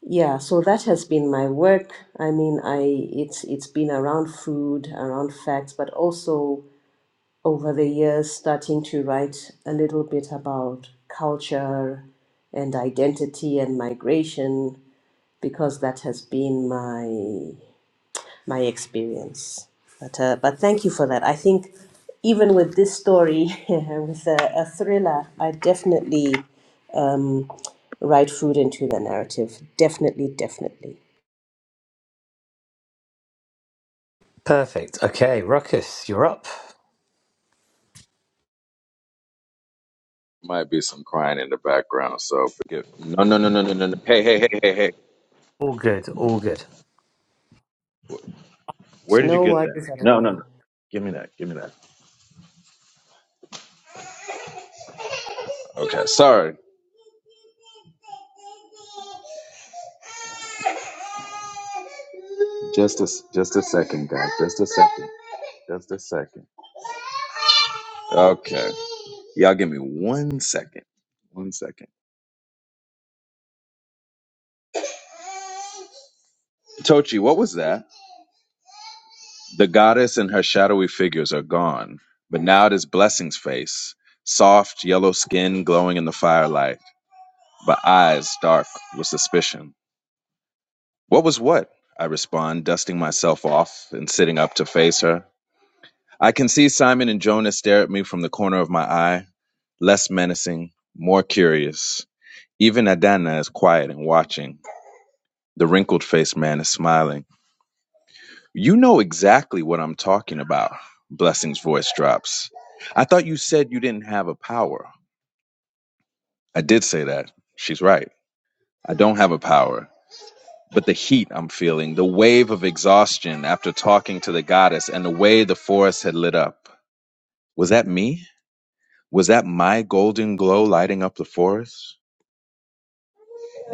yeah so that has been my work i mean i it's it's been around food around facts but also over the years starting to write a little bit about culture and identity and migration because that has been my my experience. But uh, but thank you for that. I think even with this story, <laughs> with a, a thriller, I definitely um, write food into the narrative. Definitely, definitely. perfect okay ruckus you're up Might be some crying in the background, so forgive. No, no, no, no, no, no. no. Hey, hey, hey, hey, hey. all good all good Where did you No get that? worries at No, no, no. all. Give me that. Give me that. Okay, sorry. Just a just a second, guys. Just a second. Just a second. Okay. Y'all give me one second. One second. Tochi, what was that? The goddess and her shadowy figures are gone, but now it is Blessing's face, soft yellow skin glowing in the firelight, but eyes dark with suspicion. What was what? I respond, dusting myself off and sitting up to face her. I can see Simon and Jonah stare at me from the corner of my eye, less menacing, more curious. Even Adana is quiet and watching. The wrinkled faced man is smiling. You know exactly what I'm talking about. Blessing's voice drops. I thought you said you didn't have a power. I did say that. She's right. I don't have a power. but the heat I'm feeling, the wave of exhaustion after talking to the goddess, and the way the forest had lit up. Was that me? Was that my golden glow lighting up the forest?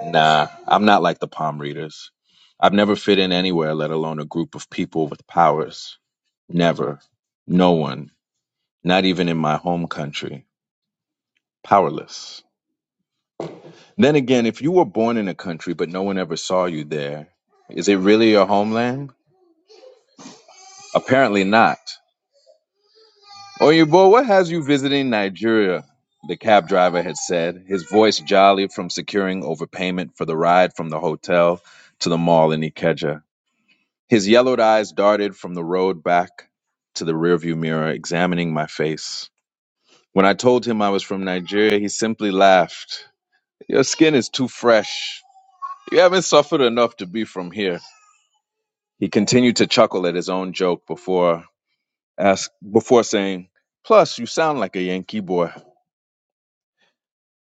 Nah, I'm not like the palm readers. I've never fit in anywhere, let alone a group of people with powers. Never. No one. Not even in my home country. Powerless. Then again, if you were born in a country but no one ever saw you there, is it really your homeland? Apparently not. Oyinbo, what has you visiting Nigeria? The cab driver had said, his voice jolly from securing overpayment for the ride from the hotel to the mall in Ikeja. His yellowed eyes darted from the road back to the rearview mirror, examining my face. When I told him I was from Nigeria, he simply laughed. Your skin is too fresh. You haven't suffered enough to be from here. He continued to chuckle at his own joke before ask, before saying, Plus, you sound like a Yankee boy.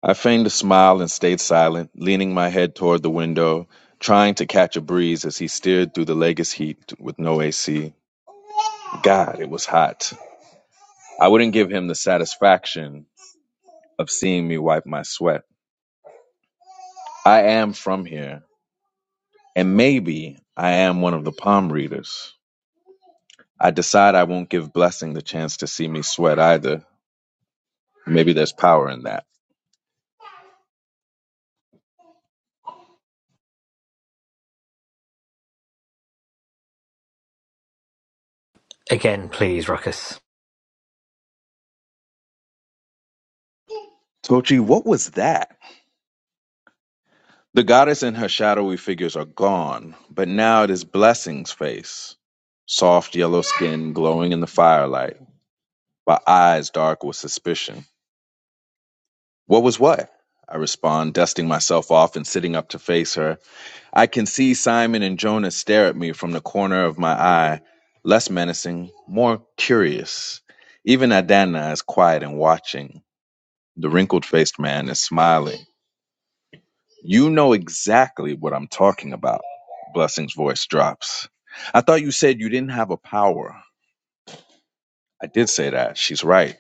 I feigned a smile and stayed silent, leaning my head toward the window, trying to catch a breeze as he steered through the Lagos heat with no AC. God, it was hot. I wouldn't give him the satisfaction of seeing me wipe my sweat. I am from here, and maybe I am one of the palm readers. I decide I won't give Blessing the chance to see me sweat either. Maybe there's power in that. again please ruckus Tochi, what was that? The goddess and her shadowy figures are gone, but now it is Blessing's face, soft yellow skin glowing in the firelight, but eyes dark with suspicion. What was what? I respond, dusting myself off and sitting up to face her. I can see Simon and Jonas stare at me from the corner of my eye, less menacing, more curious. Even Adana is quiet and watching. The wrinkled faced man is smiling. You know exactly what I'm talking about. Blessing's voice drops. I thought you said you didn't have a power. I did say that. She's right.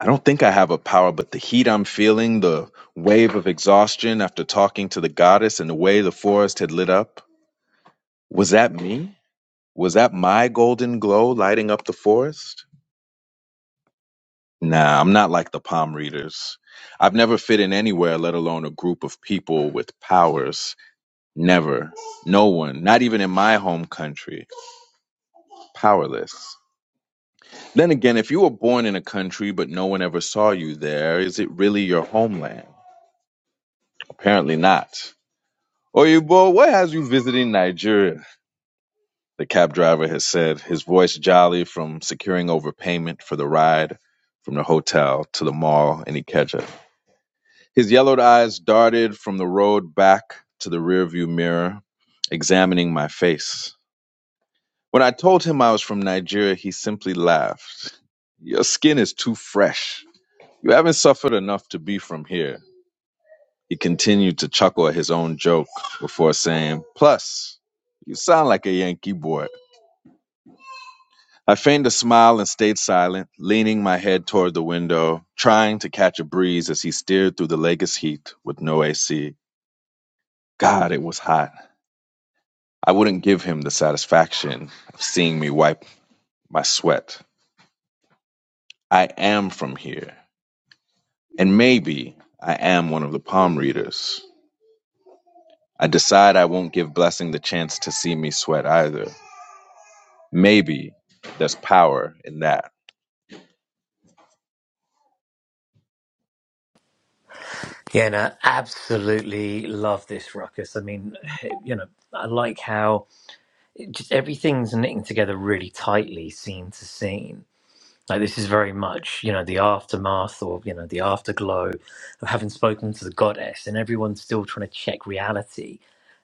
I don't think I have a power, but the heat I'm feeling, the wave of exhaustion after talking to the goddess and the way the forest had lit up. Was that me? Was that my golden glow lighting up the forest? Nah, I'm not like the palm readers. I've never fit in anywhere, let alone a group of people with powers. Never. No one, not even in my home country. powerless. Then again, if you were born in a country but no one ever saw you there, is it really your homeland? Apparently not. Oyibo, what has you visiting Nigeria? The cab driver has said, his voice jolly from securing overpayment for the ride from the hotel to the mall in Ikeja. His yellowed eyes darted from the road back to the rearview mirror, examining my face. When I told him I was from Nigeria, he simply laughed. Your skin is too fresh You haven't suffered enough to be from here. He continued to chuckle at his own joke before saying, Plus, you sound like a Yankee boy. I feigned a smile and stayed silent, leaning my head toward the window, trying to catch a breeze as he steered through the Lagos heat with no AC. God, it was hot. I wouldn't give him the satisfaction of seeing me wipe my sweat. I am from here, and maybe I am one of the palm readers. I decide I won't give Blessing the chance to see me sweat either. Maybe there's power in that. yeah no absolutely love this ruckus i mean <sighs> you know i like how it just everything's knitting together really tightly scene to scene Like this is very much, you know, the aftermath or you know the afterglow of having spoken to the goddess, and everyone's still trying to check reality,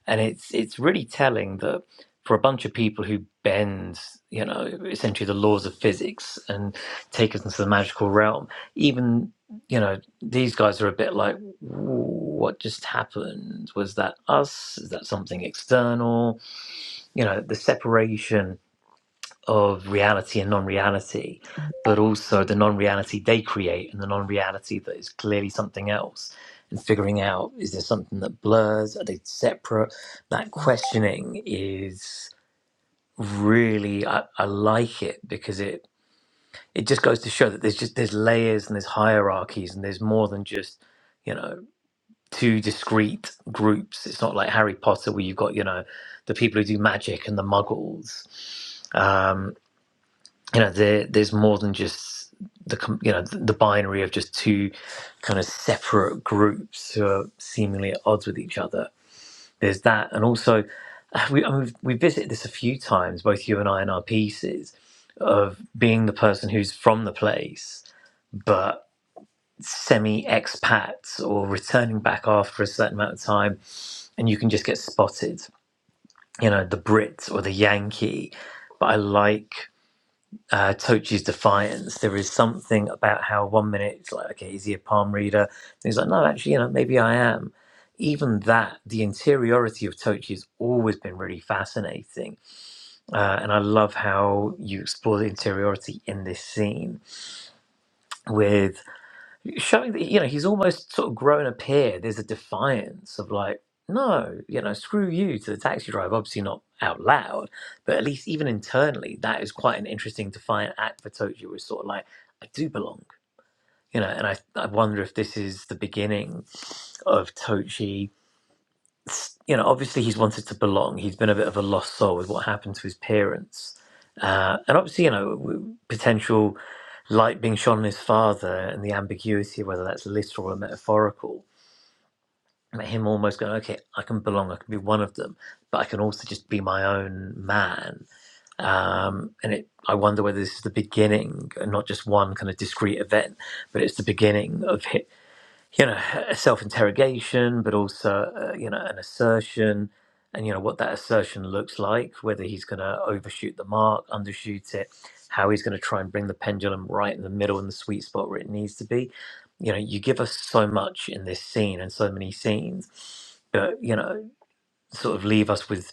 and it's it's really telling that for a bunch of people who bend, you know, essentially the laws of physics and take us into the magical realm, even you know these guys are a bit like, what just happened? Was that us? Is that something external? You know, the separation of reality and non-reality, but also the non-reality they create and the non-reality that is clearly something else. And figuring out is there something that blurs? Are they separate? That questioning is really I, I like it because it it just goes to show that there's just there's layers and there's hierarchies and there's more than just you know two discrete groups. It's not like Harry Potter where you've got you know the people who do magic and the muggles um, you know there there's more than just the com- you know the binary of just two kind of separate groups who are seemingly at odds with each other there's that and also <sighs> uh, we I mean, we've, we've visited this a few times both you and i in our pieces of being the person who's from the place but semi expats or returning back after a certain amount of time and you can just get spotted you know the brit or the yankee but i like uh, Tochi's defiance. There is something about how one minute it's like, okay, is he a palm reader? And he's like, no, actually, you know, maybe I am. Even that, the interiority of Tochi has always been really fascinating. Uh, and I love how you explore the interiority in this scene with showing that you know he's almost sort of grown a pair. There's a defiance of like, no, you know, screw you to the taxi driver. Obviously not out loud, but at least even internally, that is quite an interesting defiant act for Toji. Was sort of like, I do belong, you know, and I I wonder if this is the beginning of Tochi you know, obviously he's wanted to belong. He's been a bit of a lost soul with what happened to his parents, uh, and obviously, you know, w- potential light being shone on his father and the ambiguity, whether that's literal or metaphorical. Him almost going, okay, I can belong. I can be one of them, but I can also just be my own man. Um, and it, I wonder whether this is the beginning, and not just one kind of discrete event, but it's the beginning of hi- you know a self-interrogation but also uh, you know an assertion and you know what that assertion looks like whether he's going to overshoot the mark undershoot it how he's going to try and bring the pendulum right in the middle in the sweet spot where it needs to be you know you give us so much in this scene and so many scenes but you know sort of leave us with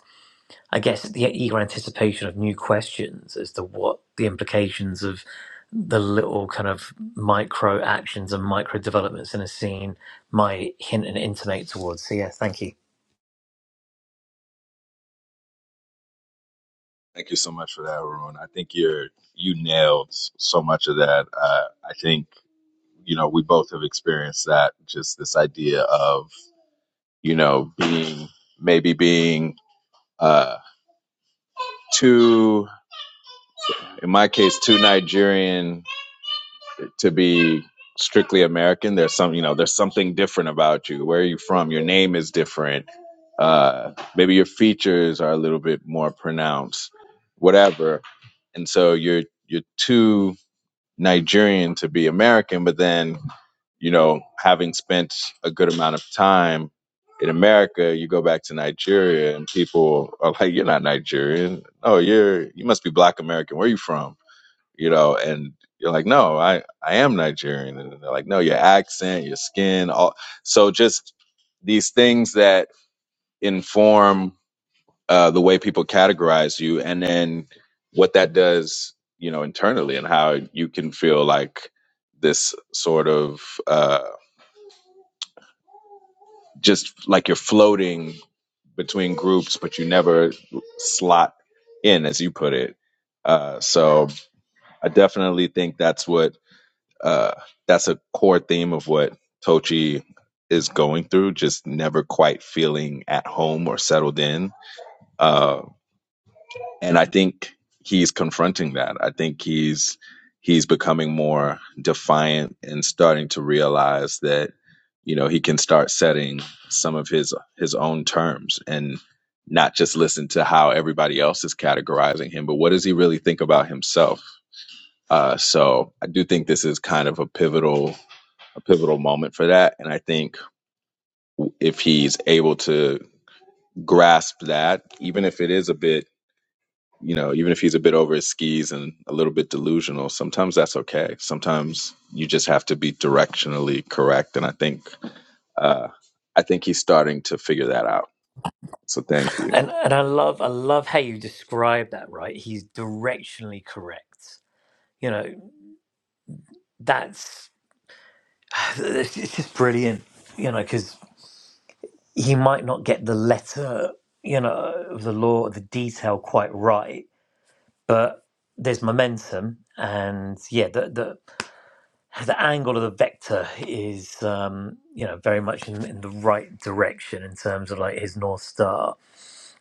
I guess the eager anticipation of new questions as to what the implications of the little kind of micro actions and micro developments in a scene might hint and intimate towards. So yeah, thank you. Thank you so much for that, Arun. I think you're you nailed so much of that. Uh, I think you know we both have experienced that. Just this idea of you know being maybe being uh, too, in my case, too Nigerian to be strictly American. There's some, you know, there's something different about you. Where are you from? Your name is different. Uh, maybe your features are a little bit more pronounced, whatever. And so you're you're too Nigerian to be American, but then you know, having spent a good amount of time in America, you go back to Nigeria and people are like, "You're not Nigerian. Oh, you're you must be Black American. Where are you from?" you know, and you're like, no, I, I am Nigerian. And they're like, no, your accent, your skin, all. So just these things that inform uh, the way people categorize you and then what that does, you know, internally and how you can feel like this sort of uh, just like you're floating between groups, but you never slot in, as you put it. Uh, so I definitely think that's what uh, that's a core theme of what Tochi is going through, just never quite feeling at home or settled in. Uh, and I think he's confronting that. I think he's he's becoming more defiant and starting to realize that you know he can start setting some of his his own terms and not just listen to how everybody else is categorizing him, but what does he really think about himself? Uh, so I do think this is kind of a pivotal a pivotal moment for that. And I think if he's able to grasp that, even if it is a bit, you know, even if he's a bit over his skis and a little bit delusional, sometimes that's okay. Sometimes you just have to be directionally correct. And I think, uh, I think he's starting to figure that out. So thank you. And and I love I love how you describe that. Right, he's directionally correct. You know, that's <sighs> it's just brilliant. You know, because he might not get the letter, you know, of the law, the detail quite right but there's momentum and yeah the the, the angle of the vector is um you know very much in, in the right direction in terms of like his north star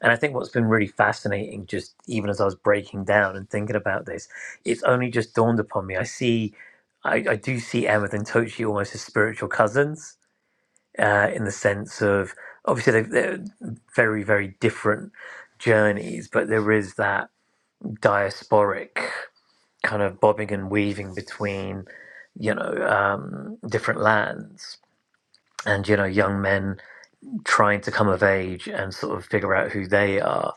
and i think what's been really fascinating just even as i was breaking down and thinking about this it's only just dawned upon me i see i, I do see Emmet and tochi almost as spiritual cousins uh, in the sense of obviously they they're very very different journeys but there is that diasporic kind of bobbing and weaving between, you know, um, different lands and, you know, young men trying to come of age and sort of figure out who they are.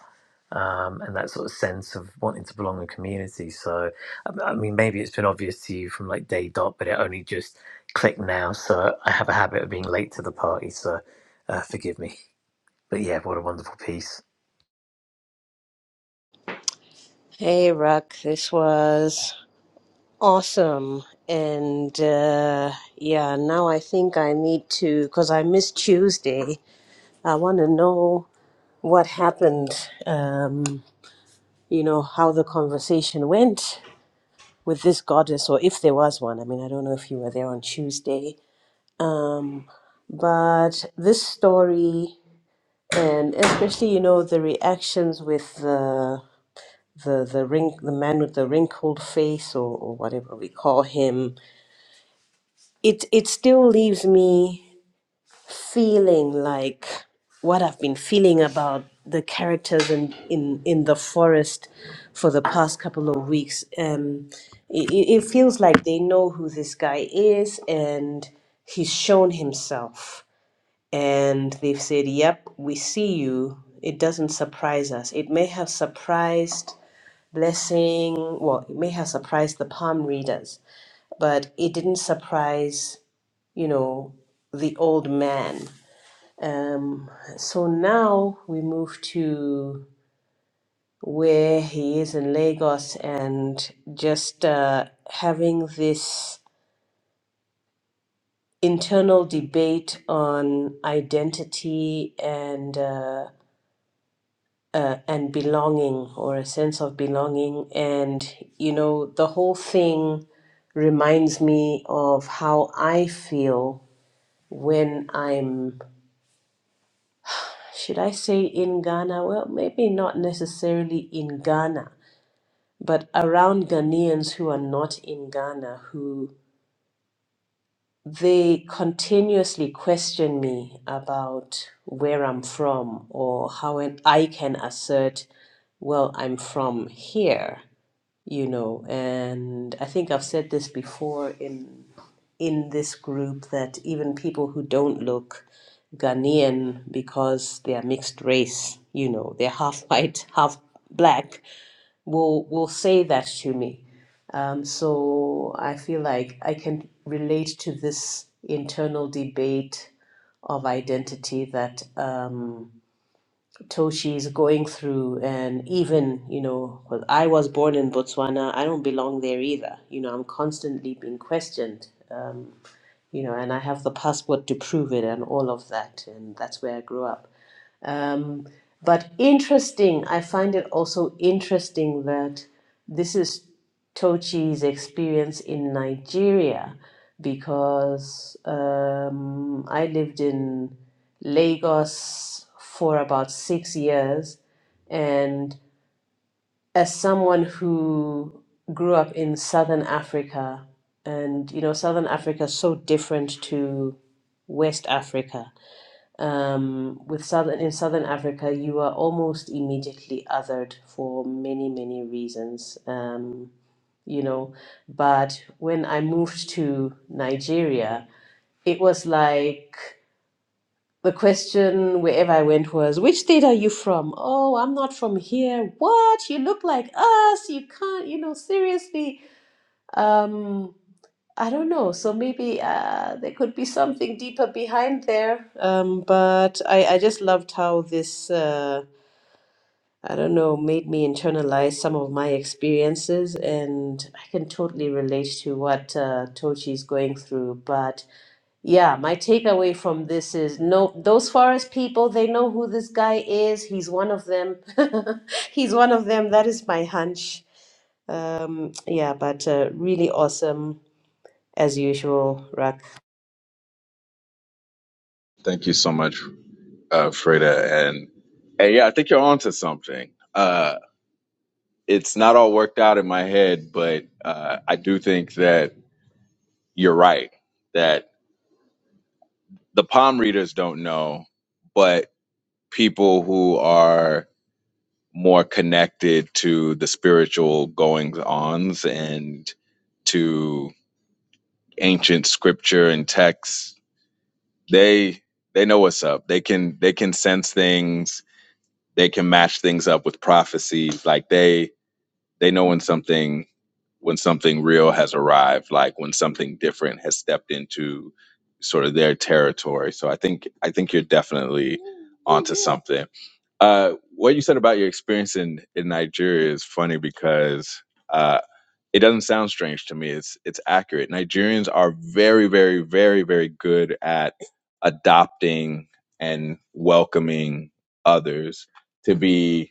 Um, and that sort of sense of wanting to belong in community. So, um, I mean, maybe it's been obvious to you from like day dot, but it only just clicked now. So, I have a habit of being late to the party. So, uh, forgive me. But yeah, what a wonderful piece. Hey, Ruck, this was awesome. And uh, yeah, now I think I need to, because I missed Tuesday, I want to know what happened, um, you know, how the conversation went. with this goddess, or if there was one. I mean, I don't know if you were there on Tuesday. Um, but this story, and especially, you know, the reactions with the the the ring the man with the wrinkled face or, or whatever we call him it it still leaves me feeling like what I've been feeling about the characters in in, in the forest for the past couple of weeks. Um, it, it it feels like they know who this guy is, and he's shown himself, and they've said, "Yep, we see you." It doesn't surprise us. It may have surprised Blessing, well, it may have surprised the palm readers, but it didn't surprise, you know, the old man um, so now we move to where he is in Lagos and just uh, having this internal debate on identity and uh, uh, and belonging or a sense of belonging. And you know, the whole thing reminds me of how I feel when I'm, should I say in Ghana? Well, maybe not necessarily in Ghana but around Ghanaians who are not in Ghana, who they continuously question me about where I'm from or how an- I can assert, well, I'm from here, you know. And I think I've said this before in in this group that even people who don't look Ghanaian because they are mixed race, you know, they're half <laughs> white, half black will will say that to me. Um, so I feel like I can relate to this internal debate of identity that um, Toshi is going through, and even you know, well, I was born in Botswana, I don't belong there either. You know, I'm constantly being questioned. Um, you know, and I have the passport to prove it, and all of that, and that's where I grew up. Um, but interesting, I find it also interesting that this is Tochi's experience in Nigeria because um, I lived in Lagos for about six years. And as someone who grew up in Southern Africa, and you know, Southern Africa is so different to West Africa um, with southern in southern Africa, you are almost immediately othered for many many reasons. Um, you know, but when I moved to Nigeria, it was like the question wherever I went was, "Which state are you from?" "Oh, I'm not from here." "What? You look like us. You can't. You know, seriously." Um, I don't know. So maybe uh, there could be something deeper behind there. Um, but I, I just loved how this, uh, I don't know, made me internalize some of my experiences. And I can totally relate to what uh, Tochi is going through. But yeah, my takeaway from this is no, those forest people, they know who this guy is. He's one of them. <laughs> He's one of them. That is my hunch. Um, yeah, but uh, really awesome as usual, Raka. Thank you so much, uh, Freda. And, and yeah, I think you're onto something. Uh, it's not all worked out in my head, but uh, I do think that you're right. That the palm readers don't know, but people who are more connected to the spiritual goings ons and to ancient scripture and texts, they they know what's up. They can they can sense things. They can match things up with prophecies. Like they They know when something when something real has arrived, like when something different has stepped into sort of their territory. So I think I think you're definitely onto something. Uh, what you said about your experience in in Nigeria is funny because uh, it doesn't sound strange to me. It's it's accurate. Nigerians are very very very very good at adopting and welcoming others to be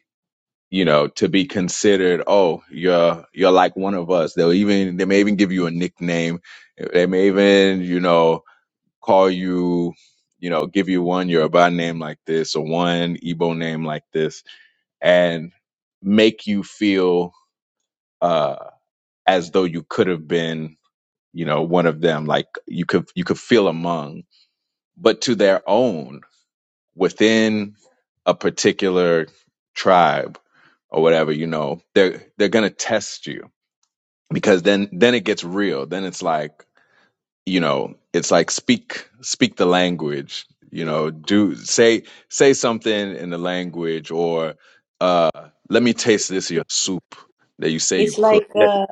you know, to be considered, oh, you're you're like one of us. They'll even they may even give you a nickname. They may even, you know, call you, you know, give you one Yoruba name like this or one Igbo name like this and make you feel uh as though you could have been, you know, one of them, like you could you could feel among, but to their own within a particular tribe or whatever, you know, they're they're gonna test you because then then it gets real. Then it's like you know, it's like speak speak the language. You know, do say say something in the language or uh, let me taste this your soup that you say you It's cook. like, uh,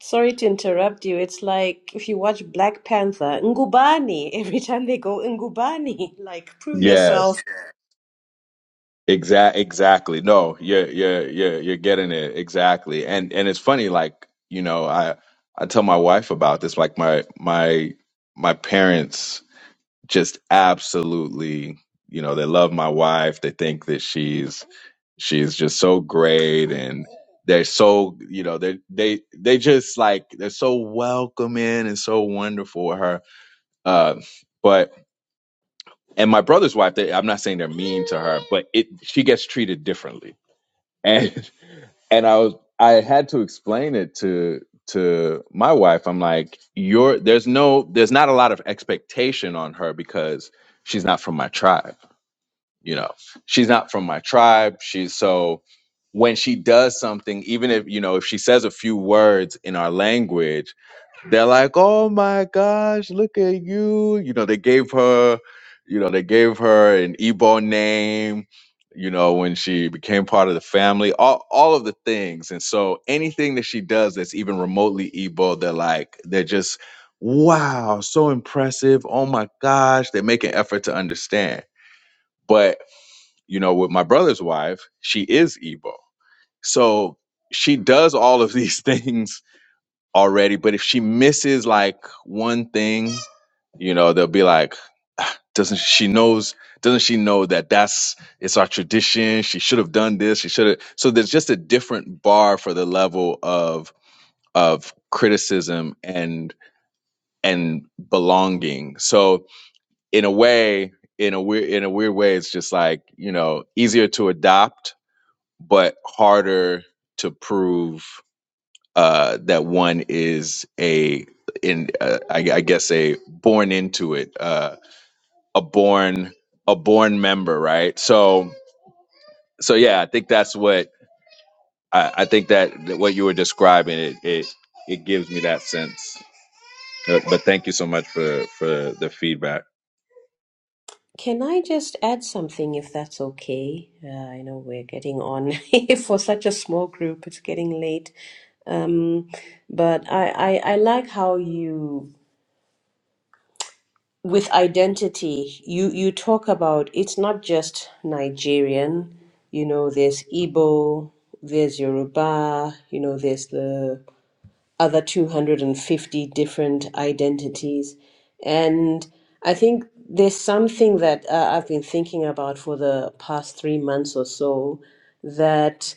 sorry to interrupt you. It's like if you watch Black Panther, Ngubani, <laughs> every time they go Ngubani, <laughs> like prove Yes, yourself. Exact, exactly. No, you're you're you're you're getting it exactly. And and it's funny, like you know, I I tell my wife about this. Like my my my parents just absolutely, you know, they love my wife. They think that she's she's just so great, and they're so you know they they they just like they're so welcoming and so wonderful with her. Uh, but and my brother's wife, they, I'm not saying they're mean to her, but it she gets treated differently and <laughs> and I was I had to explain it to to my wife. I'm like, you're there's no there's not a lot of expectation on her because she's not from my tribe. You know, she's not from my tribe. She's so when she does something, even if you know if she says a few words in our language they're like, "Oh my gosh, look at you!" You know, they gave her, you know, they gave her an Igbo name. You know, when she became part of the family, all all of the things, and so anything that she does that's even remotely Igbo, they're like, they're just, wow, so impressive. Oh my gosh, they make an effort to understand. But you know, with my brother's wife, she is Igbo, so she does all of these <laughs> things already. But if she misses like one thing, you know, they'll be like, "Ah, doesn't she knows? Doesn't she know that that's it's our tradition? She should have done this. She should have. So there's just a different bar for the level of of criticism and and belonging. So in a way, in a weird in a weird way, it's just like you know easier to adopt, but harder to prove uh, that one is a in uh, I, I guess a born into it uh, a born a born member right so so yeah I think that's what I, I think that that what you were describing it it it gives me that sense but, but thank you so much for for the feedback Can I just add something if that's okay? Uh, I know we're getting on <laughs> for such a small group, it's getting late. Um, but I, I, I like how you, with identity, you, you talk about it's not just Nigerian, you know, there's Igbo, there's Yoruba, you know, there's the other 250 different identities. And I think there's something that uh, I've been thinking about for the past three months or so that,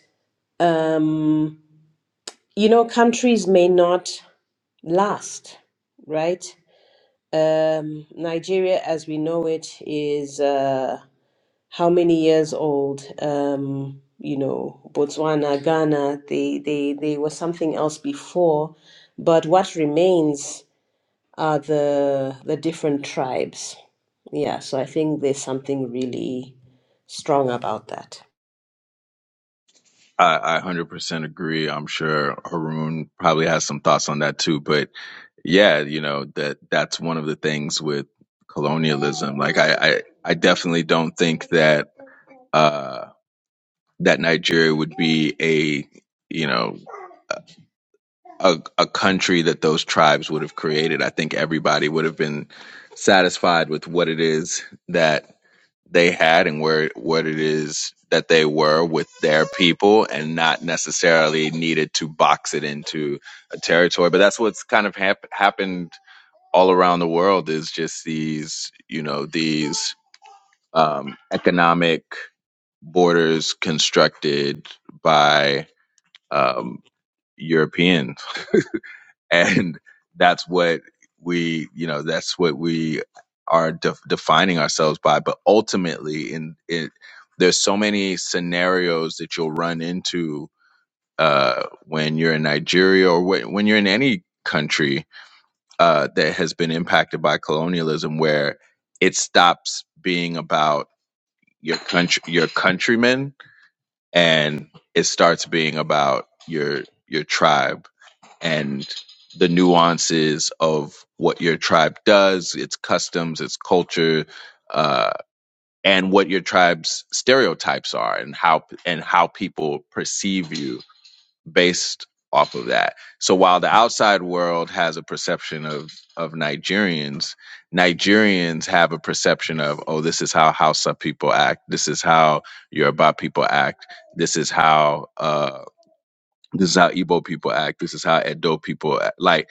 um, you know, countries may not last, right? Um, Nigeria, as we know it, is uh, how many years old? Um, you know, Botswana, Ghana, they, they, they were something else before. But what remains are the the different tribes. Yeah, so I think there's something really strong about that. I, I 100% agree I'm sure Haroon probably has some thoughts on that too but yeah you know that that's one of the things with colonialism like I I, I definitely don't think that uh, that Nigeria would be a you know a, a country that those tribes would have created. I think everybody would have been satisfied with what it is that they had and where what it is that they were with their people and not necessarily needed to box it into a territory but that's what's kind of hap- happened all around the world is just these you know these um, economic borders constructed by um, Europeans, <laughs> and that's what we, you know, that's what we are de- defining ourselves by. But ultimately, in it, there's so many scenarios that you'll run into uh, when you're in Nigeria or when, when you're in any country uh, that has been impacted by colonialism, where it stops being about your country, your countrymen and it starts being about your your tribe and the nuances of what your tribe does, its customs, its culture, uh, and what your tribe's stereotypes are, and how and how people perceive you based off of that. So while the outside world has a perception of of Nigerians, Nigerians have a perception of oh this is how Hausa people act, this is how Yoruba people act, this is how uh this is how Igbo people act, this is how Edo people act. like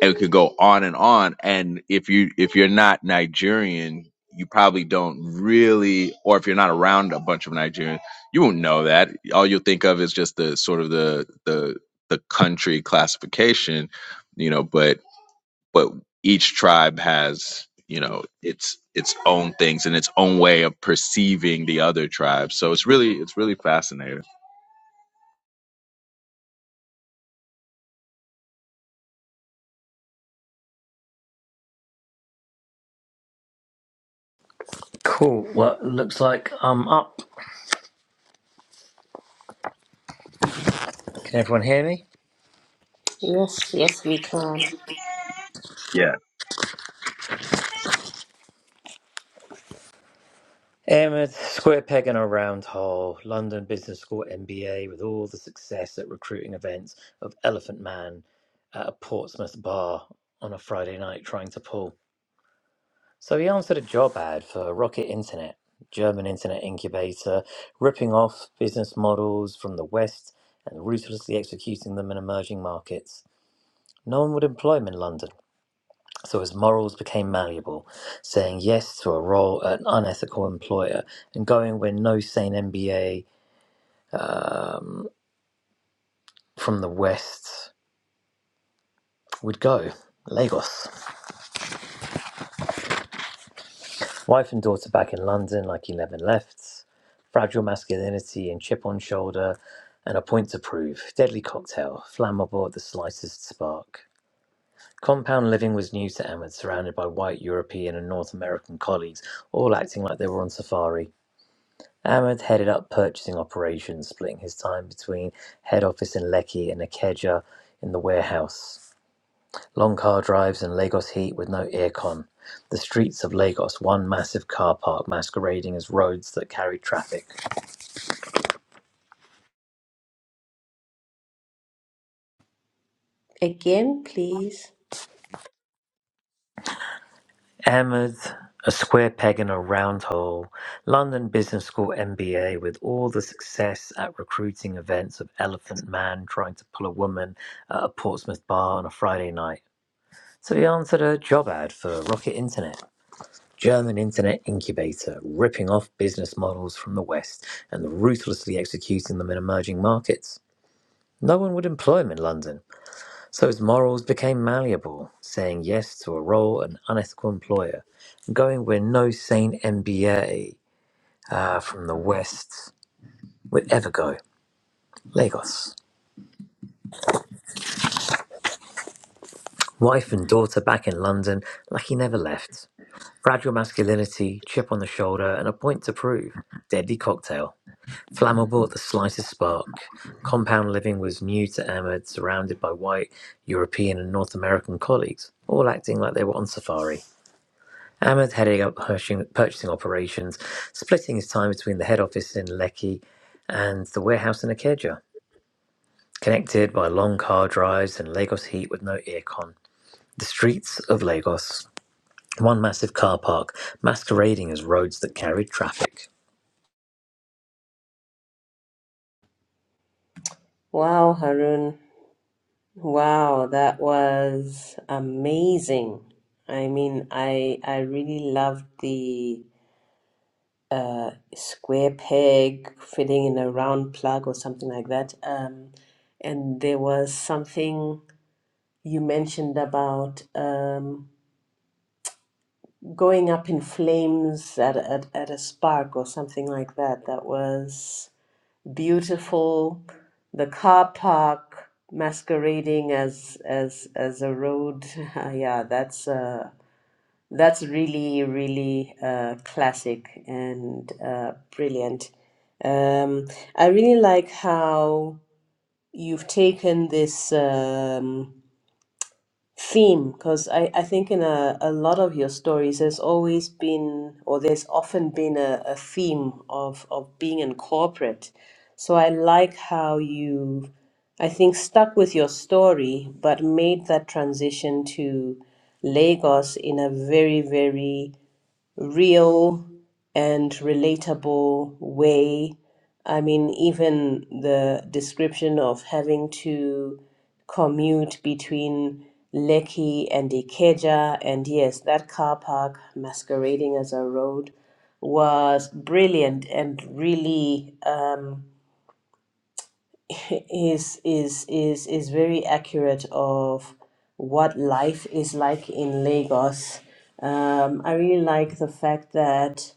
and it could go on and on and if you if you're not nigerian you probably don't really or if you're not around a bunch of nigerians you won't know that all you'll think of is just the sort of the the the country classification you know but but each tribe has you know its its own things and its own way of perceiving the other tribes so it's really it's really fascinating Cool. Well, it looks like I'm up. Can everyone hear me? Yes, yes, we can. Yeah. Um, square peg in a round hole. London Business School MBA with all the success at recruiting events of Elephant Man at a Portsmouth bar on a Friday night trying to pull. So he answered a job ad for Rocket Internet, German internet incubator, ripping off business models from the West and ruthlessly executing them in emerging markets. No one would employ him in London. So his morals became malleable, saying yes to a role at an unethical employer and going where no sane MBA from the West would go Lagos. Wife and daughter back in London, like 11 left, fragile masculinity and chip on shoulder, and a point to prove. Deadly cocktail, flammable at the slightest spark. Compound living was new to Emmett, surrounded by white European and North American colleagues, all acting like they were on safari. Ahmed headed up purchasing operations, splitting his time between head office in Lekki and Ikeja. in the warehouse. Long car drives in Lagos heat with no aircon. The streets of Lagos, one massive car park masquerading as roads that carry traffic. Again, please. Ahmed, a square peg in a round hole, London Business School MBA with all the success at recruiting events of Elephant Man trying to pull a woman at a Portsmouth bar on a Friday night. So he answered a job ad for Rocket Internet German internet incubator, ripping off business models from the West and ruthlessly executing them in emerging markets. No one would employ him in London, so his morals became malleable, saying yes to a role an unethical employer, going where no sane MBA uh, from the West would ever go. Lagos. Wife and daughter back in London, like he never left. Fragile masculinity, chip on the shoulder, and a point to prove. Deadly cocktail. Flammable at the slightest spark, compound living was new to Ahmed, surrounded by white, European, and North American colleagues, all acting like they were on safari. Ahmed heading up purchasing operations, splitting his time between the head office in Lekki and the warehouse in Akeja, connected by long car drives and Lagos heat with no aircon. The streets of Lagos, one massive car park, masquerading as roads that carried traffic. Wow, Harun. Wow, that was amazing. I mean, I I really loved the square peg fitting in a round plug or something like that. Um, and there was something you mentioned about. Um, going up in flames at, at, at a spark or something like that. That was beautiful. The car park masquerading as as as a road. <laughs> yeah, that's uh, that's really really uh, classic and uh, brilliant. Um, I really like how you've taken this. Um, theme because I, I think in a, a lot of your stories there's always been or there's often been a, a theme of, of being in corporate so i like how you i think stuck with your story but made that transition to lagos in a very very real and relatable way. I mean, even the description of having to commute between Lekki and Ikeja, and yes, that car park masquerading as a road was brilliant and really um, <laughs> is is is is very accurate of what life is like in Lagos. Um, I really like the fact that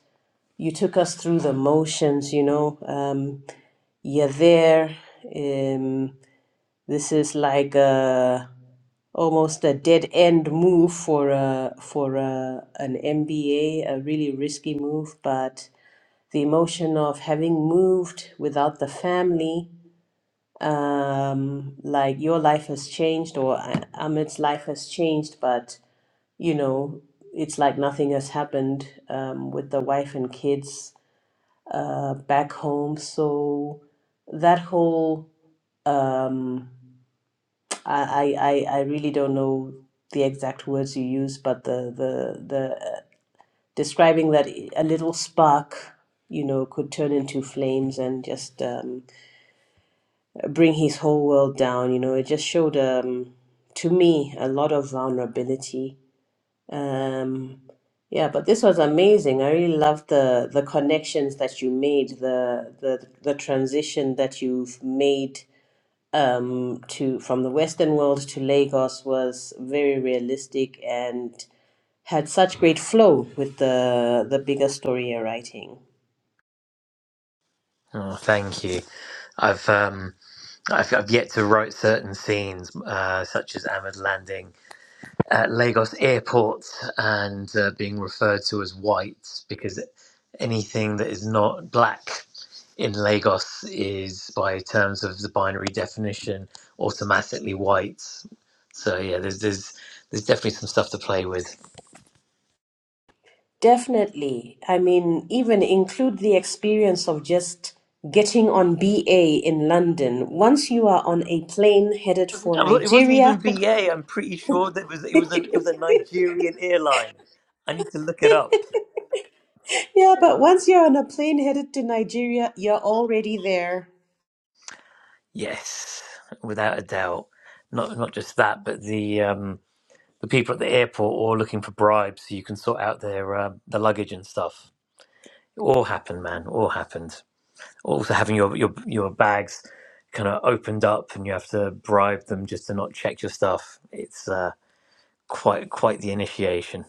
you took us through the motions, you know. Um, you're there. Um, this is like a, almost a dead end move for a, for a, an MBA, a a really risky move, but the emotion of having moved without the family, um, like your life has changed or A- Ahmed's life has changed, but you know, it's like nothing has happened um, with the wife and kids uh, back home. So that whole um, I, I I I really don't know the exact words you use, but the the the uh, describing that a little spark, you know, could turn into flames and just um, bring his whole world down. You know, it just showed um, to me a lot of vulnerability Um, yeah, but this was amazing. I really love the the connections that you made, the the the transition that you've made um, to from the Western world to Lagos was very realistic and had such great flow with the the bigger story you're writing. Oh, thank you. I've um, I've, I've yet to write certain scenes, uh, such as Ahmed landing at Lagos airport and uh, being referred to as white, because anything that is not black in Lagos is, by terms of the binary definition, automatically white. So yeah, there's there's there's definitely some stuff to play with. Definitely. I mean, even include the experience of just getting on BA in London. Once you are on a plane headed for I'm not- It wasn't even Nigeria, BA. I'm pretty sure that it was it was a it was a Nigerian airline. I need to look it up. Yeah, but once you're on a plane headed to Nigeria, you're already there. Yes, without a doubt. Not not just that, but the um, the people at the airport all looking for bribes so you can sort out their uh, the luggage and stuff. It all happened, man. All happened. Also having your your your bags kind of opened up and you have to bribe them just to not check your stuff. It's uh, quite quite the initiation.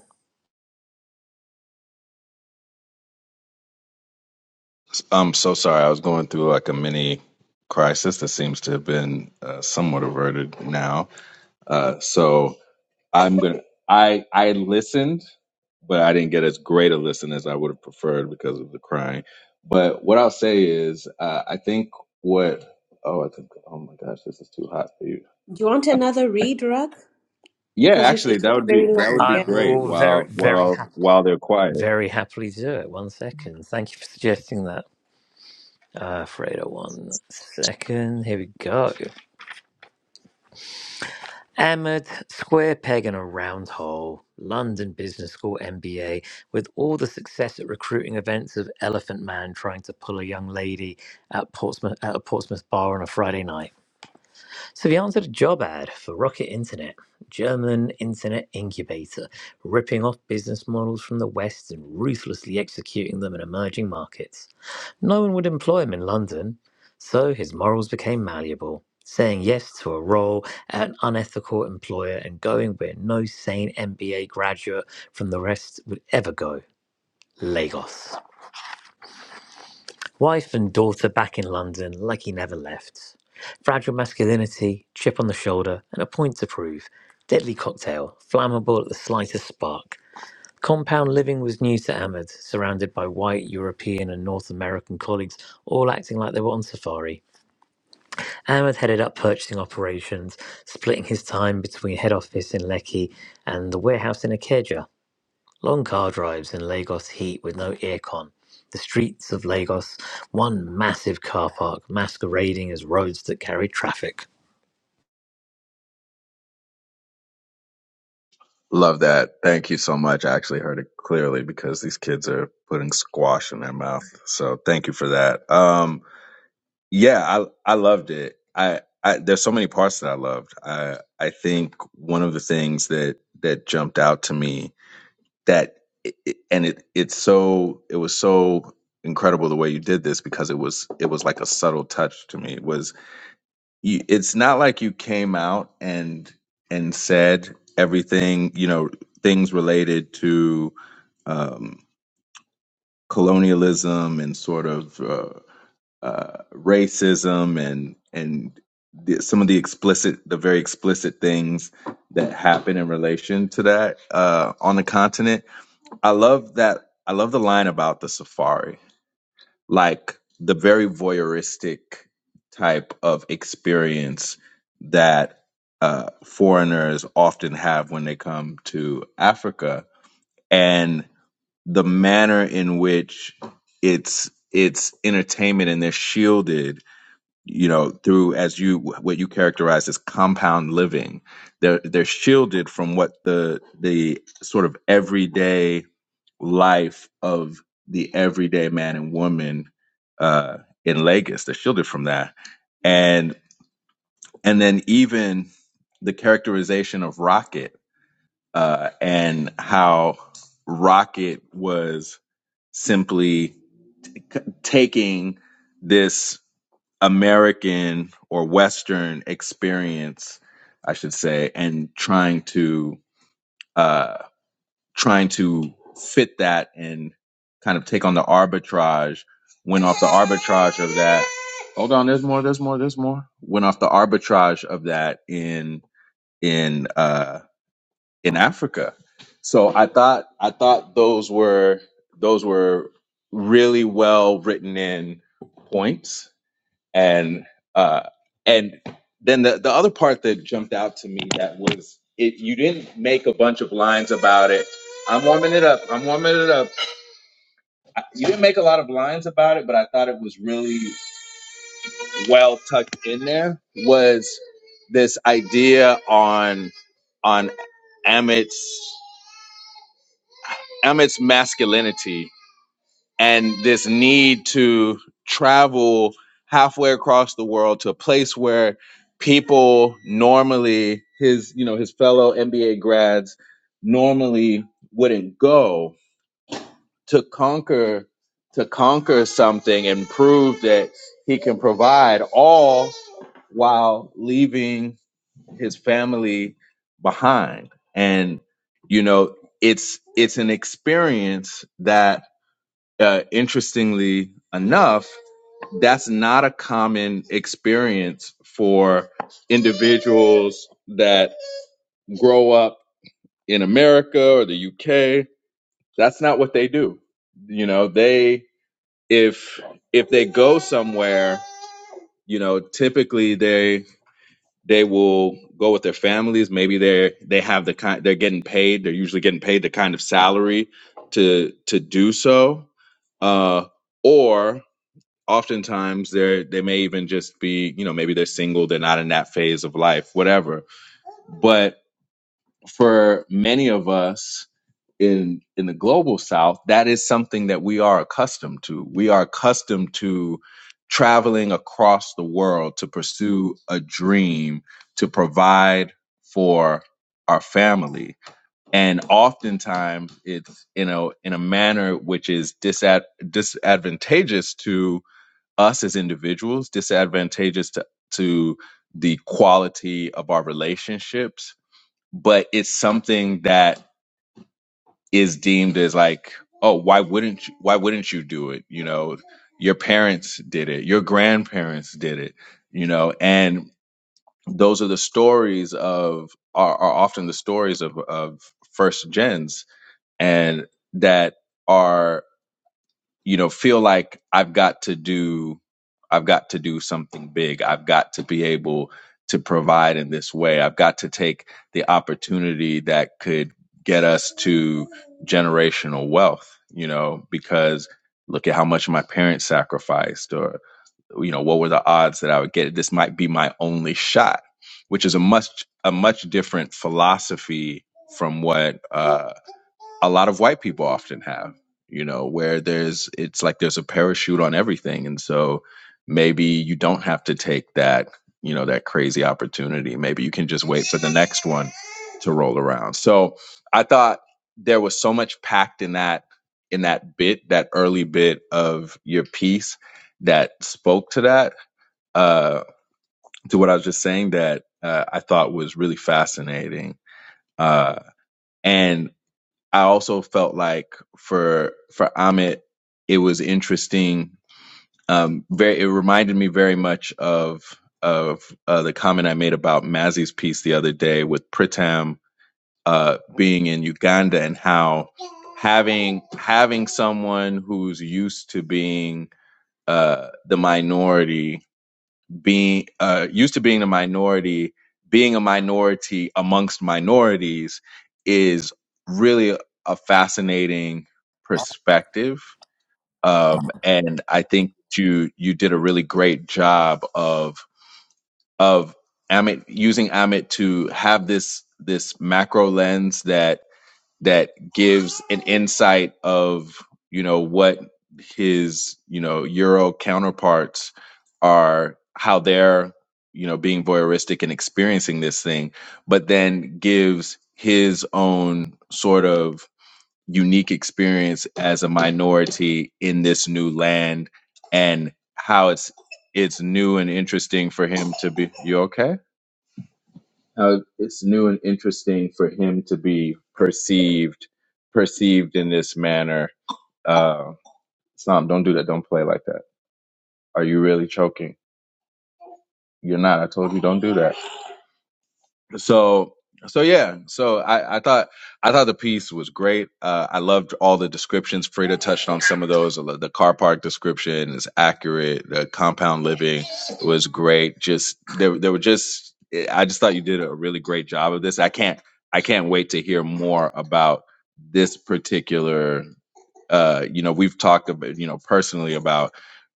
I'm so sorry. I was going through like a mini crisis that seems to have been uh, somewhat averted now. Uh, so I'm gonna. I I listened, but I didn't get as great a listen as I would have preferred because of the crying. But what I'll say is, uh, I think what. Oh, I think. Oh my gosh, this is too hot for you. Do you want another Uh, read, Rug? Yeah, Because it's, actually, it's that not would be very that long. would be I Yeah. great. will very While very while hap- while they're quiet. very happily do it. One second. Thank you for suggesting that. Uh, Fredo, one second. Here we go. Ahmed, square peg in a round hole, London Business School MBA, with all the success at recruiting events of Elephant Man trying to pull a young lady at Portsmouth at a Portsmouth bar on a Friday night. So he answered a job ad for Rocket Internet, German internet incubator, ripping off business models from the West and ruthlessly executing them in emerging markets. No one would employ him in London, so his morals became malleable, saying yes to a role at an unethical employer and going where no sane MBA graduate from the rest would ever go Lagos. Wife and daughter back in London like he never left. Fragile masculinity, chip on the shoulder, and a point to prove. Deadly cocktail, flammable at the slightest spark. Compound living was new to Ahmed, surrounded by white, European, and North American colleagues, all acting like they were on safari. Ahmed headed up purchasing operations, splitting his time between head office in Lekki and the warehouse in Akeja. Long car drives in Lagos heat with no aircon. The streets of Lagos, one massive car park masquerading as roads that carry traffic. Love that. Thank you so much. I actually heard it clearly because these kids are putting squash in their mouth. So thank you for that. Um, yeah, I I loved it. I, I there's so many parts that I loved. I I think one of the things that that jumped out to me that it, it- and it it's so it was so incredible the way you did this because it was it was like a subtle touch to me was you, it's not like you came out and and said everything you know things related to um, colonialism and sort of uh, uh, racism and and the, some of the explicit the very explicit things that happen in relation to that uh, on the continent. I love that. I love the line about the safari like the very voyeuristic type of experience that uh, foreigners often have when they come to Africa, and the manner in which it's it's entertainment and they're shielded you know through as you what you characterize as compound living they're they're shielded from what the the sort of everyday life of the everyday man and woman uh in Lagos they're shielded from that and and then even the characterization of Rocket uh and how Rocket was simply c- taking this American or Western experience, I should say, and trying to uh, trying to fit that and kind of take on the arbitrage. Went off the arbitrage of that. Hold on, there's more. There's more. There's more. Went off the arbitrage of that in in uh, in Africa. So I thought I thought those were those were really well written in points and uh, and then the the other part that jumped out to me that was it. You didn't make a bunch of lines about it. I'm warming it up. I'm warming it up. I- You didn't make a lot of lines about it, but I thought it was really well tucked in there. Was this idea on on Amit's Amit's masculinity and this need to travel halfway across the world to a place where people normally his you know his fellow MBA grads normally wouldn't go to conquer to conquer something and prove that he can provide all while leaving his family behind and you know it's it's an experience that uh, interestingly enough, that's not a common experience for individuals that grow up in America or the UK. That's not what they do. You know, they if if they go somewhere, you know, typically they they will go with their families. Maybe they they have the kind they're getting paid. They're usually getting paid the kind of salary to to do so. Uh, or oftentimes they're they may even just be you know maybe they're single they're not in that phase of life whatever but for many of us in in the global south that is something that we are accustomed to we are accustomed to traveling across the world to pursue a dream to provide for our family and oftentimes it's you know in a manner which is disad- disadvantageous to us as individuals, disadvantageous to, to the quality of our relationships, but it's something that is deemed as like, oh, why wouldn't you, why wouldn't you do it? You know, your parents did it, your grandparents did it, you know, and those are the stories of are, are often the stories of of first gens and that are you know feel like i've got to do i've got to do something big i've got to be able to provide in this way i've got to take the opportunity that could get us to generational wealth you know because look at how much my parents sacrificed or you know what were the odds that i would get it this might be my only shot which is a much a much different philosophy from what uh, a lot of white people often have you know where there's it's like there's a parachute on everything and so maybe you don't have to take that you know that crazy opportunity maybe you can just wait for the next one to roll around so i thought there was so much packed in that in that bit that early bit of your piece that spoke to that uh to what i was just saying that uh, i thought was really fascinating uh and I also felt like for for Amit, it was interesting. Um, very, it reminded me very much of of uh, the comment I made about Mazzy's piece the other day with Pritam uh, being in Uganda and how having having someone who's used to being uh, the minority being uh, used to being a minority, being a minority amongst minorities is really a fascinating perspective. Um, and I think you you did a really great job of of Amit using Amit to have this this macro lens that that gives an insight of you know what his you know euro counterparts are how they're you know being voyeuristic and experiencing this thing but then gives his own sort of unique experience as a minority in this new land and how it's it's new and interesting for him to be you okay how it's new and interesting for him to be perceived perceived in this manner. Uh, Snom, don't do that. Don't play like that. Are you really choking? You're not. I told you don't do that. so so yeah so i i thought i thought the piece was great uh i loved all the descriptions frida touched on some of those the car park description is accurate the compound living was great just there, there were just i just thought you did a really great job of this i can't i can't wait to hear more about this particular uh, you know, we've talked about, you know, personally about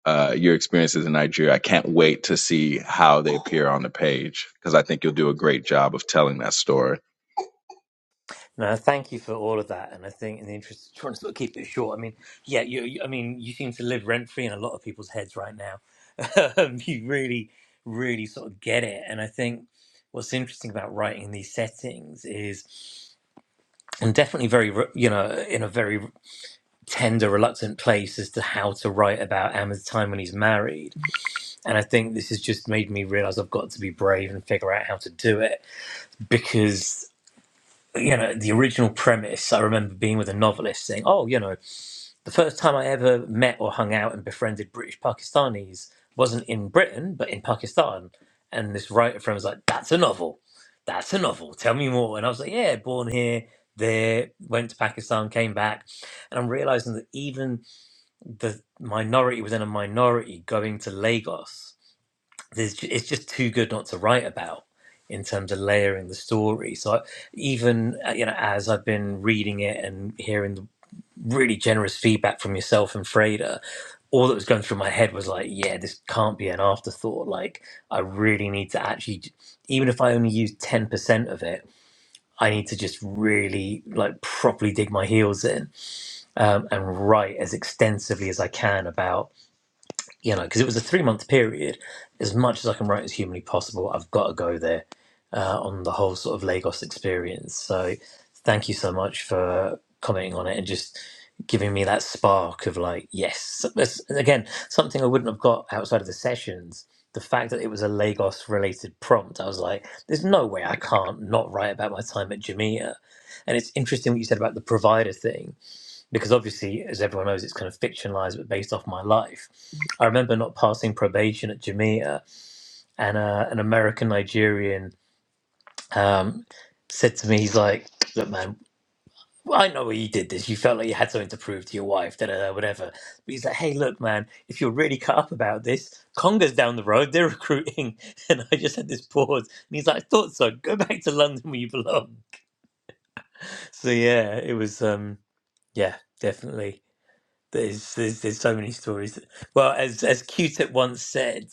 uh, your experiences in Nigeria. I can't wait to see how they appear on the page because I think you'll do a great job of telling that story. No, thank you for all of that. And I think, in the interest of trying to sort of keep it short, I mean, yeah, you, you- I mean, you seem to live rent free in a lot of people's heads right now. <laughs> Um, you really, really sort of get it. And I think what's interesting about writing in these settings is I'm definitely very, re- you know, in a very tender, reluctant place as to how to write about Amma's time when he's married. And I think this has just made me realize I've got to be brave and figure out how to do it because. you know the original premise i remember being with a novelist saying oh you know the first time i ever met or hung out and befriended british pakistanis wasn't in britain but in pakistan and this writer friend was like that's a novel that's a novel tell me more and i was like yeah born here there went to pakistan came back and i'm realizing that even the minority within a minority going to lagos there's ju- it's just too good not to write about in terms of layering the story. So I, even uh, you know, as I've been reading it and hearing the really generous feedback from yourself and Freda, all that was going through my head was like, yeah, this can't be an afterthought. Like I really need to actually, j- even if I only use ten percent of it, I need to just really like properly dig my heels in um, and write as extensively as I can about you know, because it was a three month period. As much as I can write as humanly possible, I've got to go there uh, on the whole sort of Lagos experience. So, thank you so much for commenting on it and just giving me that spark of like, yes, So, That's- and again, something I wouldn't have got outside of the sessions. The fact that it was a Lagos related prompt, I was like, there's no way I can't not write about my time at Jamaica. And it's interesting what you said about the provider thing because obviously, as everyone knows, it's kind of fictionalized but based off my life. I remember not passing probation at Jamaica, and uh, an American Nigerian um, said to me, "He's like, look, man." I know you did this. You felt like you had something to prove to your wife, da da da, whatever. But he's like, "Hey, look, man, if you're really cut up about this, Conga's down the road. They're recruiting." <laughs> And I just had this pause, and he's like, "I thought so. Go back to London where you belong." So yeah, it was, um, yeah, definitely. There's, there's there's so many stories. that- well, as as Q-Tip once said,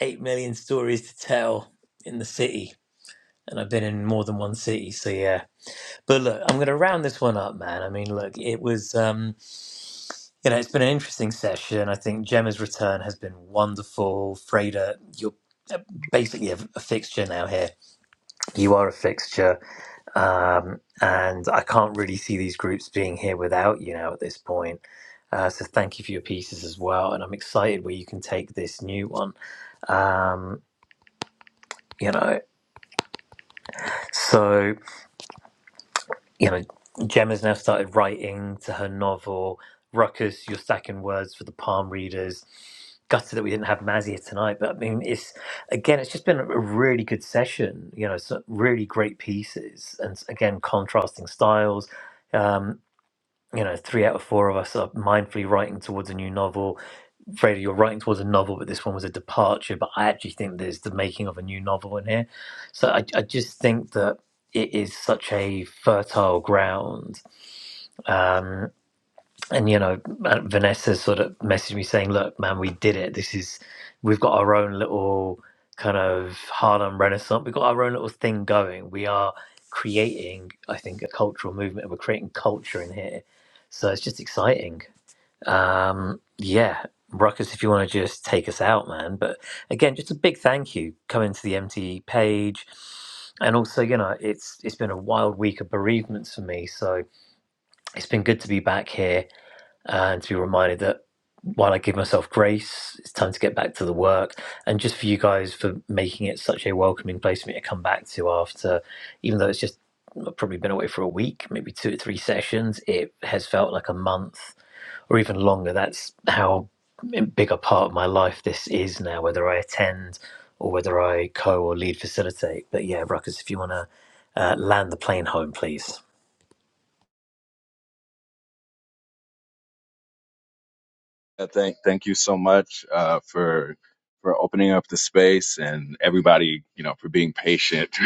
eight million stories to tell in the city, and I've been in more than one city. So yeah, but look, I'm gonna round this one up, man. I mean, look, it was um, you know, it's been an interesting session. I think Gemma's return has been wonderful. Freda, you're uh, basically a, a fixture now here. You are a fixture, um, and I can't really see these groups being here without you now at this point. Uh, so thank you for your pieces as well, and I'm excited where you can take this new one. Um, you know, so you know, Gemma's now started writing to her novel. Ruckus, you're stacking words for the palm readers. Gutted that we didn't have Maz here tonight, but I mean, it's again, it's just been a really good session. You know, some really great pieces, and again, contrasting styles. Um, you know, three out of four of us are mindfully writing towards a new novel Freda, you're writing towards a novel, but this one was a departure. But I actually think there's the making of a new novel in here. So I, I just think that it is such a fertile ground. Um, and, you know, uh, Vanessa sort of messaged me saying, look, man, we did it. This is, we've got our own little kind of Harlem Renaissance. We've got our own little thing going. We are creating, I think, a cultural movement and we're creating culture in here. So it's just exciting. Um, yeah, Ruckus, if you want to just take us out, man. But again, just a big thank you coming to the MTE page. And also, you know, it's it's been a wild week of bereavements for me, so it's been good to be back here uh, and to be reminded that while I give myself grace, it's time to get back to the work. And just for you guys for making it such a welcoming place for me to come back to after, even though it's just I've probably been away for a week, maybe two or three sessions. It has felt like a month or even longer. That's how big a part of my life this is now, whether I attend or whether I co or lead facilitate. But yeah, Ruckus, if you want to uh, land the plane home, please. Uh, Thank, thank you so much uh, for for opening up the space and everybody, you know, for being patient <laughs>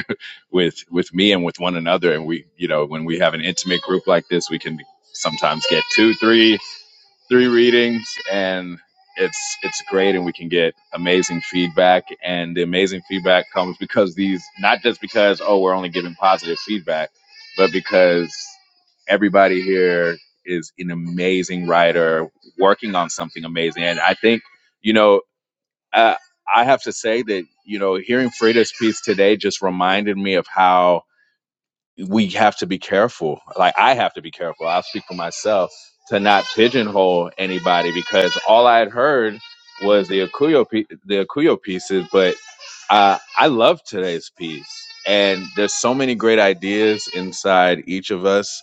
with with me and with one another. And we, you know, when we have an intimate group like this, we can sometimes get two, three. three readings and it's it's great and we can get amazing feedback and the amazing feedback comes because these not just because oh we're only giving positive feedback but because everybody here is an amazing writer working on something amazing and i think you know uh, i have to say that you know hearing frida's piece today just reminded me of how we have to be careful. Like I have to be careful. I'll speak for myself to not pigeonhole anybody because all I had heard was the Akuyo pie- the Akuyo pieces, but uh, I love today's piece. And there's so many great ideas inside each of us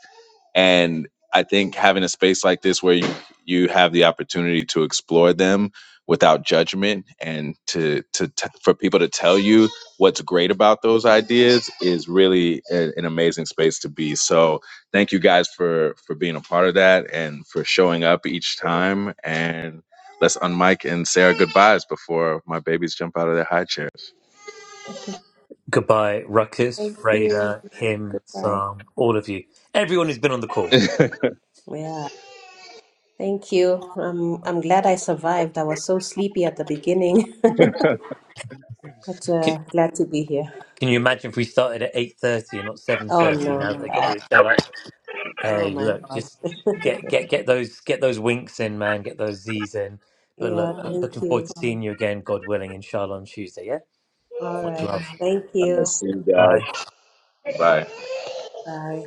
and i think having a space like this where you you have the opportunity to explore them without judgment and to to t- for people to tell you what's great about those ideas is really a- an amazing space to be so thank you guys for for being a part of that and for showing up each time and let's unmic and say our goodbyes before my babies jump out of their high chairs Goodbye, Ruckus, Thank you. Freda, him, Goodbye. Sam, all of you. Everyone who's been on the <laughs> call. all Yeah. Thank you. Um, I'm glad I survived. I was so sleepy at the beginning, <laughs> but Can, uh, glad to be here. can you imagine if we started at eight thirty and not seven Oh thirty? no. Now that they got Uh, rid of daylight, oh hey, my look, gosh. just <laughs> get get get those get those winks in, man. Get those Z's in. But yeah. look, Thank looking forward you. to seeing you again, God willing, inshallah on Tuesday. Yeah. All Much right. love. Thank right you. see you Bye. guys bye Bye.